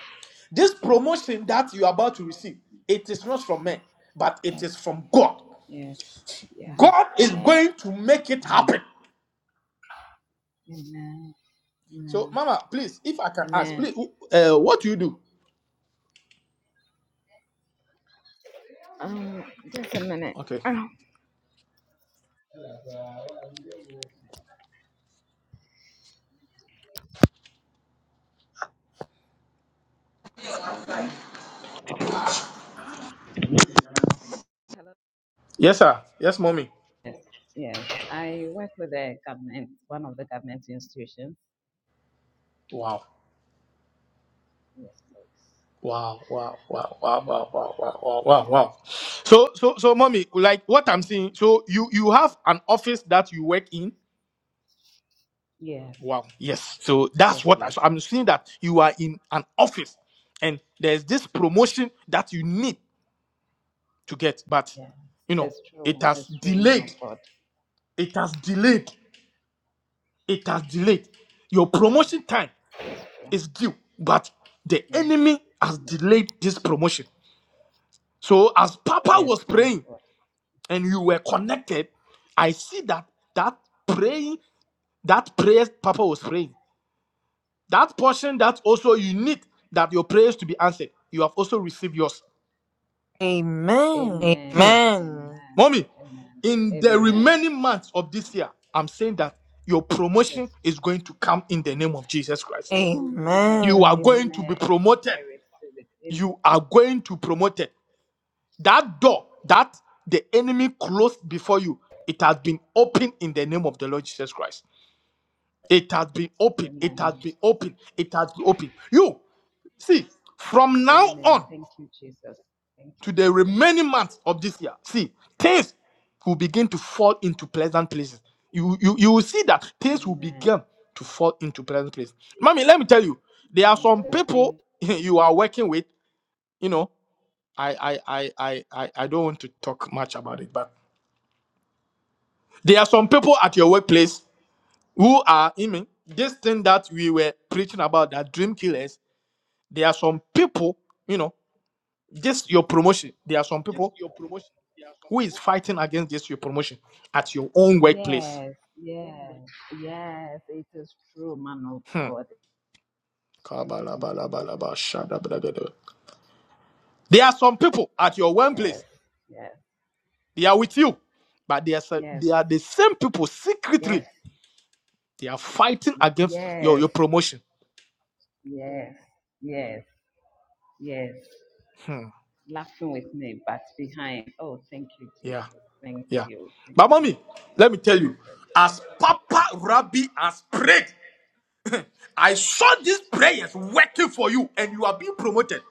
Speaker 2: This promotion that you are about to
Speaker 3: Amen.
Speaker 2: receive, it is not from men, but it is
Speaker 3: Yes.
Speaker 2: from God.
Speaker 3: Yes. Yeah.
Speaker 2: God is
Speaker 3: Amen.
Speaker 2: going to make it
Speaker 3: Amen.
Speaker 2: happen.
Speaker 3: Amen. Amen.
Speaker 2: So, Mama, please, if I can ask,
Speaker 3: Amen.
Speaker 2: please, who- uh, what do you do?
Speaker 3: Um, just a minute.
Speaker 2: Okay.
Speaker 3: Oh,
Speaker 2: Yes, sir. Yes, mommy.
Speaker 3: Yes, yes. I work with the government, one of the government institutions.
Speaker 2: Wow.
Speaker 3: Yes, please.
Speaker 2: Wow, wow, wow, wow,
Speaker 3: Mm,
Speaker 2: wow, wow, wow, wow, wow,
Speaker 3: Yeah.
Speaker 2: wow. So, so, so, mommy, like what I'm seeing, so you you have an office that you work in,
Speaker 3: Yes.
Speaker 2: Wow. Yes. So
Speaker 3: Yes,
Speaker 2: that's what I,
Speaker 3: please.
Speaker 2: so I'm seeing that you are in an office and there's this promotion that you need to get, but
Speaker 3: Yes.
Speaker 2: you know,
Speaker 3: It's
Speaker 2: it
Speaker 3: true.
Speaker 2: has
Speaker 3: It's true, man of
Speaker 2: delayed.
Speaker 3: God.
Speaker 2: It has delayed. It has delayed. Your promotion time
Speaker 3: Yeah.
Speaker 2: is due, but the
Speaker 3: Yes.
Speaker 2: enemy has
Speaker 3: Yes,
Speaker 2: delayed this promotion. So as Papa
Speaker 3: yes,
Speaker 2: was
Speaker 3: man of
Speaker 2: praying
Speaker 3: God.
Speaker 2: and you were connected, I see that that praying, that prayer Papa was praying. That portion that also you need that your prayers to be answered. You have also received yours.
Speaker 1: Amen.
Speaker 2: Hmm.
Speaker 3: Amen.
Speaker 1: Amen.
Speaker 3: Amen.
Speaker 2: Mommy,
Speaker 3: Amen.
Speaker 2: in the
Speaker 3: Amen.
Speaker 2: remaining months of this year, I'm saying that your promotion
Speaker 3: Yes.
Speaker 2: is going to come in the name of Jesus Christ. You
Speaker 3: Amen.
Speaker 2: are
Speaker 1: Amen.
Speaker 2: going to be
Speaker 3: Amen. I
Speaker 2: promoted.
Speaker 3: receive it. Am-
Speaker 2: You are going to be promoted. That door that the enemy closed before you, it has been opened in the name of the Lord Jesus Christ. It has been opened. It has
Speaker 3: Amen.
Speaker 2: been opened. It has been opened. You see, from now
Speaker 3: Amen.
Speaker 2: on.
Speaker 3: Thank you, Jesus. Thank you,
Speaker 2: to the
Speaker 3: Jesus.
Speaker 2: remaining months of this year, see, things will begin to fall into pleasant places. You, you, you will see that things will
Speaker 3: Amen.
Speaker 2: begin to fall into pleasant places. Mommy, let me tell you, there are
Speaker 3: Thank
Speaker 2: some
Speaker 3: you. Thank
Speaker 2: people
Speaker 3: you.
Speaker 2: you are working with, you know, I, I, I, I, I, I don't want to talk much about it, but there are some people at your workplace who are, I mean, this thing that we were preaching about, that dream killers, there are some people, you know, just your promotion, there are some
Speaker 3: Just
Speaker 2: people
Speaker 3: your promotion. There are some
Speaker 2: Who
Speaker 3: people.
Speaker 2: is fighting against this your promotion at your own workplace?
Speaker 3: Yes, yes, yes. It is true, man of
Speaker 2: Hmm.
Speaker 3: God. Thank you,
Speaker 2: Kabalabalabalaba,
Speaker 3: Jesus.
Speaker 2: shadabladada. There are some people at your own
Speaker 3: Yes,
Speaker 2: place.
Speaker 3: yes,
Speaker 2: They are with you, but they are se-
Speaker 3: yes,
Speaker 2: they are the same people
Speaker 3: yes,
Speaker 2: secretly. They are fighting against your
Speaker 3: yes,
Speaker 2: your promotion.
Speaker 3: yes, yes, yes.
Speaker 2: Hmm.
Speaker 3: Laughing with me, but behind. Oh, thank you, Jesus.
Speaker 2: Yeah.
Speaker 3: Thank
Speaker 2: Yeah.
Speaker 3: you, thank
Speaker 2: But
Speaker 3: you,
Speaker 2: mommy, let me tell you,
Speaker 3: Jesus.
Speaker 2: as Papa Rabbi has prayed, I saw these prayers working for you and you are being promoted.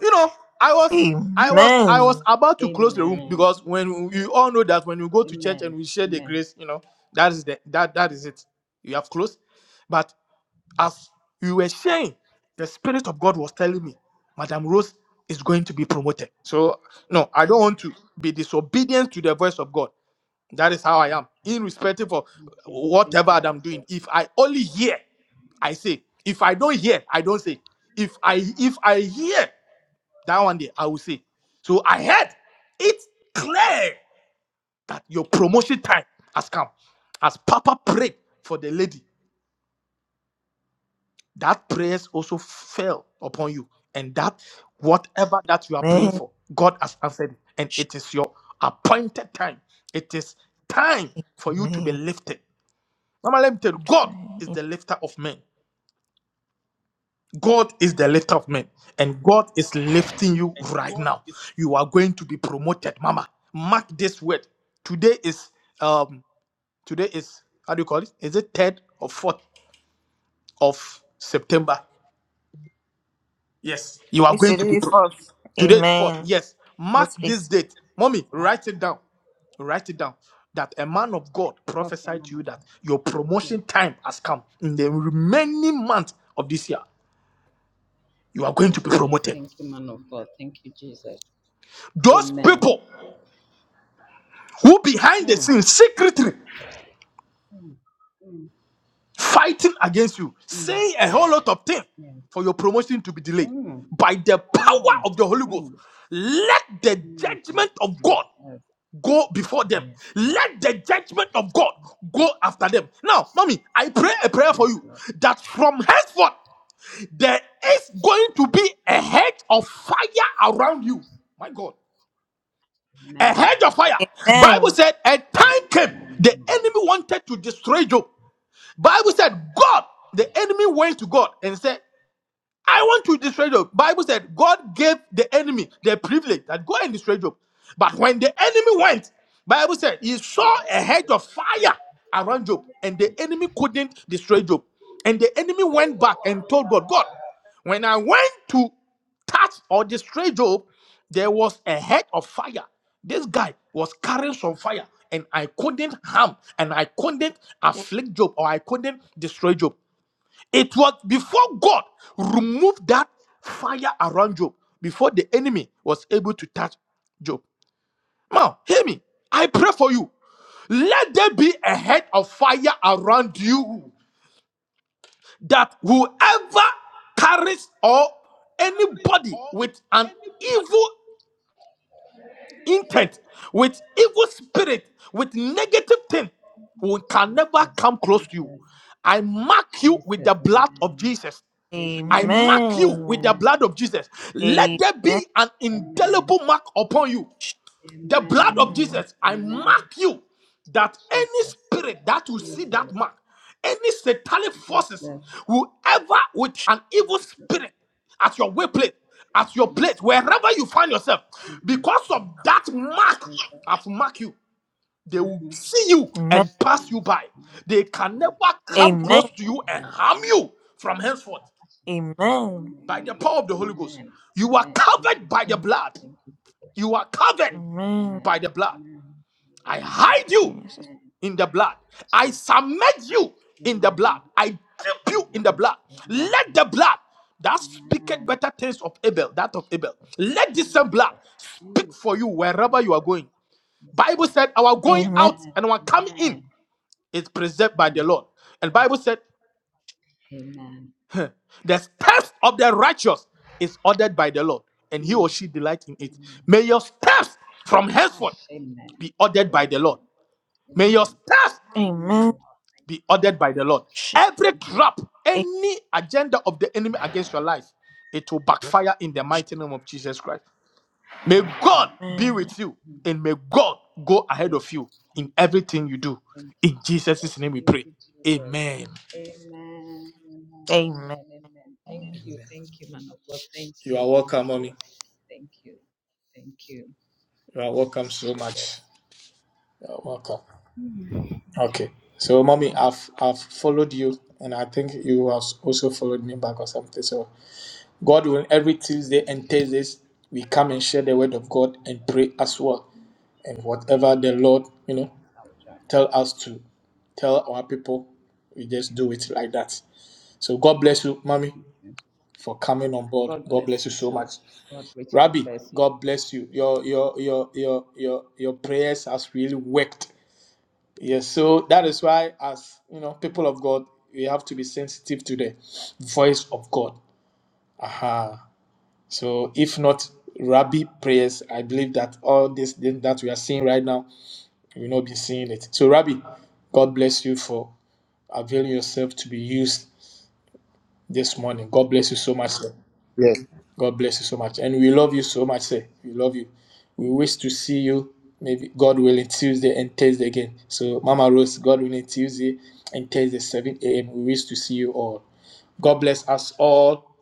Speaker 2: you know, I was, I was, I was
Speaker 1: Amen.
Speaker 2: about to close the room
Speaker 3: Amen.
Speaker 2: because when you all know that when you go to church
Speaker 3: Amen.
Speaker 2: and we share the
Speaker 3: Amen.
Speaker 2: grace, you know, that is the that that is it. You have closed, but as you were sharing, the spirit of God was telling me, Madam Rose is going to be promoted. So no, I don't want to be disobedient to the voice of God. That is how I
Speaker 3: Thank
Speaker 2: am,
Speaker 3: you.
Speaker 2: irrespective of
Speaker 3: Thank you, Thank
Speaker 2: whatever
Speaker 3: you,
Speaker 2: that I'm
Speaker 3: Jesus.
Speaker 2: doing. If I only hear, I say. If I don't hear, I don't say. If I if I hear that one day I will say. So I heard it's clear that your promotion time has come. As Papa prayed for the lady, that prayers also fell upon you. And that whatever that you are praying
Speaker 1: Amen.
Speaker 2: for, God has answered it. And it is your appointed time. It is time for you to be
Speaker 1: Amen.
Speaker 2: lifted. Mama, let me tell you, God is the
Speaker 1: Increase
Speaker 2: lifter of men. God is the lift of men, and God is lifting you
Speaker 3: And
Speaker 2: right
Speaker 3: God
Speaker 2: now.
Speaker 3: is
Speaker 2: You are going to be promoted, Mama. Mark this word. Today is um today is how do you call it? Is it third or fourth of September? Yes, you are going
Speaker 1: it
Speaker 2: to be
Speaker 1: is
Speaker 2: pro-
Speaker 1: for us.
Speaker 2: today is fourth.
Speaker 1: Amen.
Speaker 2: Yes, mark
Speaker 1: Yes,
Speaker 2: this
Speaker 1: please.
Speaker 2: date, mommy. Write it down. Write it down. That a man of God
Speaker 3: Okay,
Speaker 2: prophesied
Speaker 3: man
Speaker 2: to
Speaker 3: of
Speaker 2: you
Speaker 3: God.
Speaker 2: that your
Speaker 3: Yeah.
Speaker 2: promotion time has come in the remaining month of this year. You are going
Speaker 3: Thank
Speaker 2: to be
Speaker 3: you.
Speaker 2: promoted.
Speaker 3: Thank you, man of God. Thank you, Jesus.
Speaker 2: Those
Speaker 3: Amen.
Speaker 2: people who behind the
Speaker 3: Mm,
Speaker 2: scenes secretly
Speaker 3: mm, mm,
Speaker 2: fighting against you,
Speaker 3: mm,
Speaker 2: saying a whole lot of things
Speaker 3: yes.
Speaker 2: for your promotion to be delayed.
Speaker 3: Mm.
Speaker 2: By the power
Speaker 3: Oh.
Speaker 2: of the Holy
Speaker 3: Mm.
Speaker 2: Ghost, let the
Speaker 3: Mm. Thank
Speaker 2: judgment
Speaker 3: you,
Speaker 2: of God
Speaker 3: Jesus.
Speaker 2: go before them.
Speaker 3: Yes, Lord.
Speaker 2: Let the judgment of God go after them. Now, mommy, I pray a prayer for
Speaker 3: Yes,
Speaker 2: you
Speaker 3: Lord.
Speaker 2: that from henceforth there is going to be a hedge of fire around you. My God a
Speaker 3: Amen.
Speaker 2: hedge of fire. Bible
Speaker 1: Amen.
Speaker 2: said a time came the enemy wanted to destroy Job. Bible said God, the enemy went to God and said, I want to destroy Job. Bible said God gave the enemy the privilege that go and destroy Job. But when the enemy went, Bible said he saw a hedge of fire around Job, and the enemy couldn't destroy Job. And the enemy went back and told God, God, when I went to touch or destroy Job, there was a head of fire. This guy was carrying some fire, and I couldn't harm, and I couldn't afflict Job, or I couldn't destroy Job. It was before God removed that fire around Job, before the enemy was able to touch Job. Now, hear me. I pray for you. Let there be a head of fire around you that whoever carries or
Speaker 3: Catholics
Speaker 2: anybody
Speaker 3: or
Speaker 2: with an
Speaker 3: anybody.
Speaker 2: evil intent, with evil spirit, with negative thing, who can never
Speaker 3: Jesus,
Speaker 2: come close to you.
Speaker 3: Jesus,
Speaker 2: I mark you with
Speaker 3: Jesus,
Speaker 2: the blood of
Speaker 3: amen.
Speaker 2: Jesus. I
Speaker 3: Amen,
Speaker 2: mark you with the
Speaker 1: Amen.
Speaker 2: blood
Speaker 3: amen,
Speaker 2: of Jesus. Let
Speaker 3: amen,
Speaker 2: there
Speaker 1: Amen.
Speaker 2: be an
Speaker 3: amen,
Speaker 2: indelible mark upon you. The blood of
Speaker 3: amen,
Speaker 1: Amen.
Speaker 2: Jesus, I
Speaker 3: amen.
Speaker 2: mark you that any
Speaker 3: Jesus,
Speaker 2: spirit that will see that
Speaker 3: Jesus,
Speaker 2: mark, any satanic
Speaker 3: Jesus. Jesus.
Speaker 2: forces, whoever with an evil spirit at your workplace, at your
Speaker 3: Yes,
Speaker 2: plate,
Speaker 3: Lord.
Speaker 2: wherever you find yourself,
Speaker 3: Jesus.
Speaker 2: because of that mark,
Speaker 3: Jesus.
Speaker 2: I've marked you.
Speaker 3: Jesus.
Speaker 2: They will
Speaker 3: Mm-hmm.
Speaker 2: see you and pass
Speaker 3: Amen.
Speaker 2: you by. They can never come
Speaker 1: Amen.
Speaker 2: close to you and harm you from henceforth
Speaker 1: Amen. Amen.
Speaker 2: by the
Speaker 3: Amen.
Speaker 2: power of the Holy Ghost.
Speaker 3: Amen.
Speaker 2: You are
Speaker 3: Amen. Thank you,
Speaker 2: covered by the
Speaker 3: Jesus.
Speaker 2: blood.
Speaker 3: Thank you, Jesus.
Speaker 2: You are covered
Speaker 1: Amen.
Speaker 3: Amen.
Speaker 2: by the blood.
Speaker 3: Amen.
Speaker 2: I
Speaker 3: Amen.
Speaker 2: hide you
Speaker 1: Jesus.
Speaker 3: Amen.
Speaker 2: in the blood. I
Speaker 3: Jesus.
Speaker 2: submit you
Speaker 3: Amen. Amen.
Speaker 2: in the blood. I dip
Speaker 3: Amen. Amen.
Speaker 2: you in the blood.
Speaker 3: Jesus.
Speaker 2: Let the blood that speaketh better things of Abel, that of Abel, let this same
Speaker 3: Jesus.
Speaker 2: blood speak for
Speaker 3: Jesus.
Speaker 2: you wherever you are
Speaker 3: Jesus.
Speaker 2: going.
Speaker 3: Yes,
Speaker 2: Bible
Speaker 3: Lord.
Speaker 2: said, our going
Speaker 1: Amen.
Speaker 2: out
Speaker 3: Amen.
Speaker 2: and our coming in
Speaker 3: Amen.
Speaker 2: is preserved by the
Speaker 3: Mm,
Speaker 2: Lord. And
Speaker 3: yes.
Speaker 2: Bible said,
Speaker 3: Amen.
Speaker 2: The steps of the righteous is ordered by the Lord, and he
Speaker 3: Mm,
Speaker 2: or she delight in it.
Speaker 3: mm.
Speaker 2: May your steps from
Speaker 3: Ah,
Speaker 2: henceforth
Speaker 3: amen.
Speaker 2: be ordered by the Lord.
Speaker 3: Amen.
Speaker 2: May your
Speaker 3: Amen.
Speaker 2: steps
Speaker 1: Amen.
Speaker 3: Amen. Oh, thank
Speaker 2: be
Speaker 3: you, Jesus.
Speaker 2: ordered by the Lord.
Speaker 1: Sh-
Speaker 2: Every
Speaker 3: Mhm,
Speaker 2: trap, any agenda of the enemy against your life, it will backfire in the
Speaker 3: mhm,
Speaker 2: mighty name of Jesus Christ. May
Speaker 3: mhm,
Speaker 2: God be
Speaker 1: Amen.
Speaker 2: with you
Speaker 3: mhm.
Speaker 2: and may God go ahead
Speaker 3: Yes.
Speaker 2: of you in
Speaker 3: Thank you,
Speaker 2: everything
Speaker 3: Jesus.
Speaker 2: you do.
Speaker 3: Thank you,
Speaker 2: In
Speaker 3: Jesus.
Speaker 2: Jesus' name we
Speaker 3: Thank
Speaker 2: pray.
Speaker 3: you, Jesus.
Speaker 2: Amen.
Speaker 3: Amen. Amen.
Speaker 1: Amen.
Speaker 3: Amen. Amen. Thank you.
Speaker 2: Amen.
Speaker 3: Thank you, man of God. Thank
Speaker 2: You
Speaker 3: you.
Speaker 2: are
Speaker 3: Thank
Speaker 2: welcome,
Speaker 3: you.
Speaker 2: mommy.
Speaker 3: Thank you. Thank you.
Speaker 2: You are
Speaker 3: Thank
Speaker 2: welcome
Speaker 3: you,
Speaker 2: so much.
Speaker 3: Jesus.
Speaker 2: You are welcome. Okay. So, mommy,
Speaker 3: Mm,
Speaker 2: I've I've followed
Speaker 3: Thank
Speaker 2: you,
Speaker 3: you.
Speaker 2: and I think you have also followed me back or something. So, God will every Tuesday and Thursdays we come and share the word of God and pray as well, and whatever the Lord you know
Speaker 3: I'll try.
Speaker 2: tell us to tell our people, we just
Speaker 3: Okay.
Speaker 2: do it like that. So, God bless you, mommy,
Speaker 3: Okay.
Speaker 2: for coming on board.
Speaker 3: God
Speaker 2: God
Speaker 3: bless
Speaker 2: bless you
Speaker 3: you
Speaker 2: so
Speaker 3: too.
Speaker 2: much,
Speaker 3: God richly
Speaker 2: Rabbi.
Speaker 3: bless you.
Speaker 2: God bless you. Your your your your your your prayers has really worked Yes, so that is why, as you know, people of God, we have to be sensitive to the voice of God. Aha. So, if not Rabbi prayers, I believe that all this thing that we are seeing right now, we will not be seeing it. So, Rabbi, God bless you for availing yourself to be used this morning. God bless you so much. sir. God bless you so much. And we love you so much, sir. We love you. We wish to see you, maybe God willing, Tuesday and Thursday again. So, Mama Rose, God willing, Tuesday and Thursday, 7 a.m. We wish to see you all. God bless us all.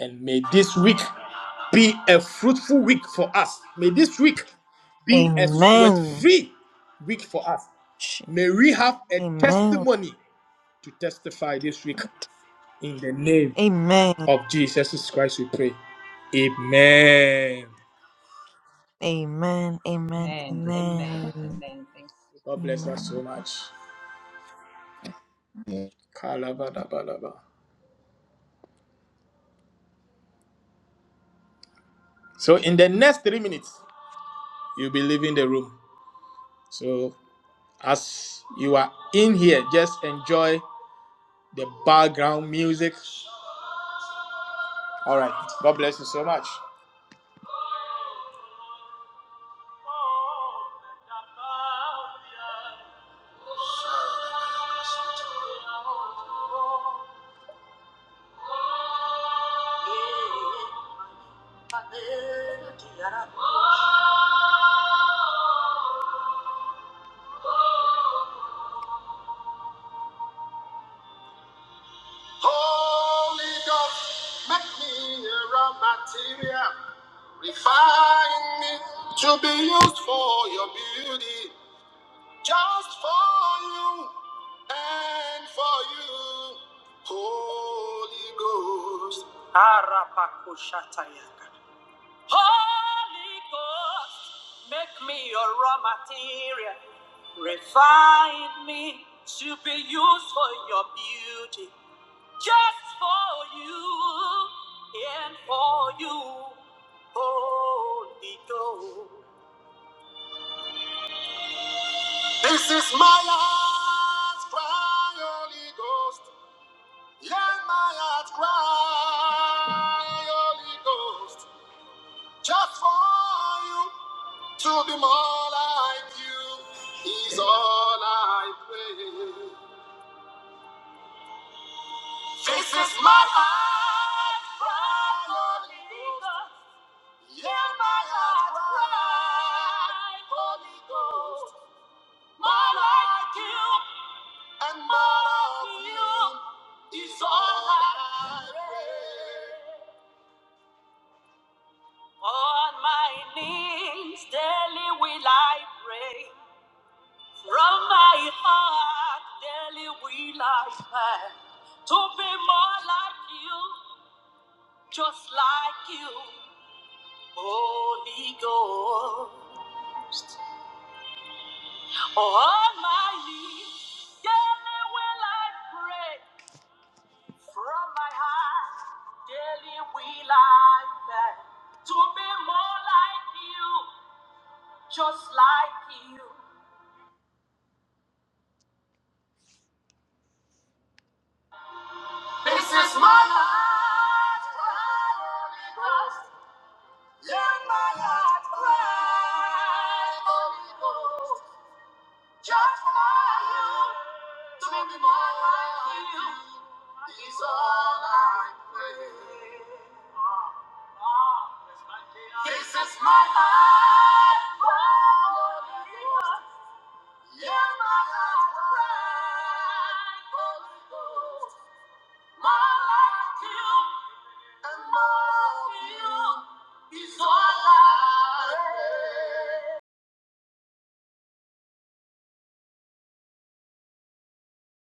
Speaker 2: And may this week be a fruitful week for us. May this week be a sweat
Speaker 1: Amen.
Speaker 2: free week for us.
Speaker 1: Sh-
Speaker 2: May we have a
Speaker 1: Amen.
Speaker 2: testimony to testify this week. In the name
Speaker 1: Amen.
Speaker 2: of Jesus Christ, we pray. Amen.
Speaker 1: Amen. Amen.
Speaker 3: Amen. Amen.
Speaker 1: Amen.
Speaker 3: Amen. Thank you. Jesus.
Speaker 2: God bless us so
Speaker 1: Amen.
Speaker 2: much.
Speaker 4: Yes.
Speaker 2: Kalabadabalaba. So, in the next three minutes, you'll be leaving the room. So, as you are in here, just enjoy the background music. All right. God bless you so much. Holy Ghost, make me a raw material. Refine me to be used for your beauty, just for you and for you. Holy Ghost. Holy Ghost, make me a raw material. Refine me to be used for your beauty. just for you and for you, Holy Ghost. This is my heart's cry, Holy Ghost. Yeah, my heart's cry, Holy Ghost. Just for you to be more like you is all I pray. This is my heart's cry, Holy Ghost. Hear my heart cry, Holy Ghost. More like you and more of you is all I pray. On my knees daily will I pray. From my heart daily will I pray. To be more like you, just like you, Holy Ghost. For all my knees, daily will I pray from my heart. Daily will I beg to be more like you, just like you. This is my heart cry, Holy Ghost. Let my heart cry, Holy Ghost. Just for you, to be more like you is all I pray. This is my heart cry. Yeah, my heart cry. Holy Ghost, my life to you and more of you is all I need.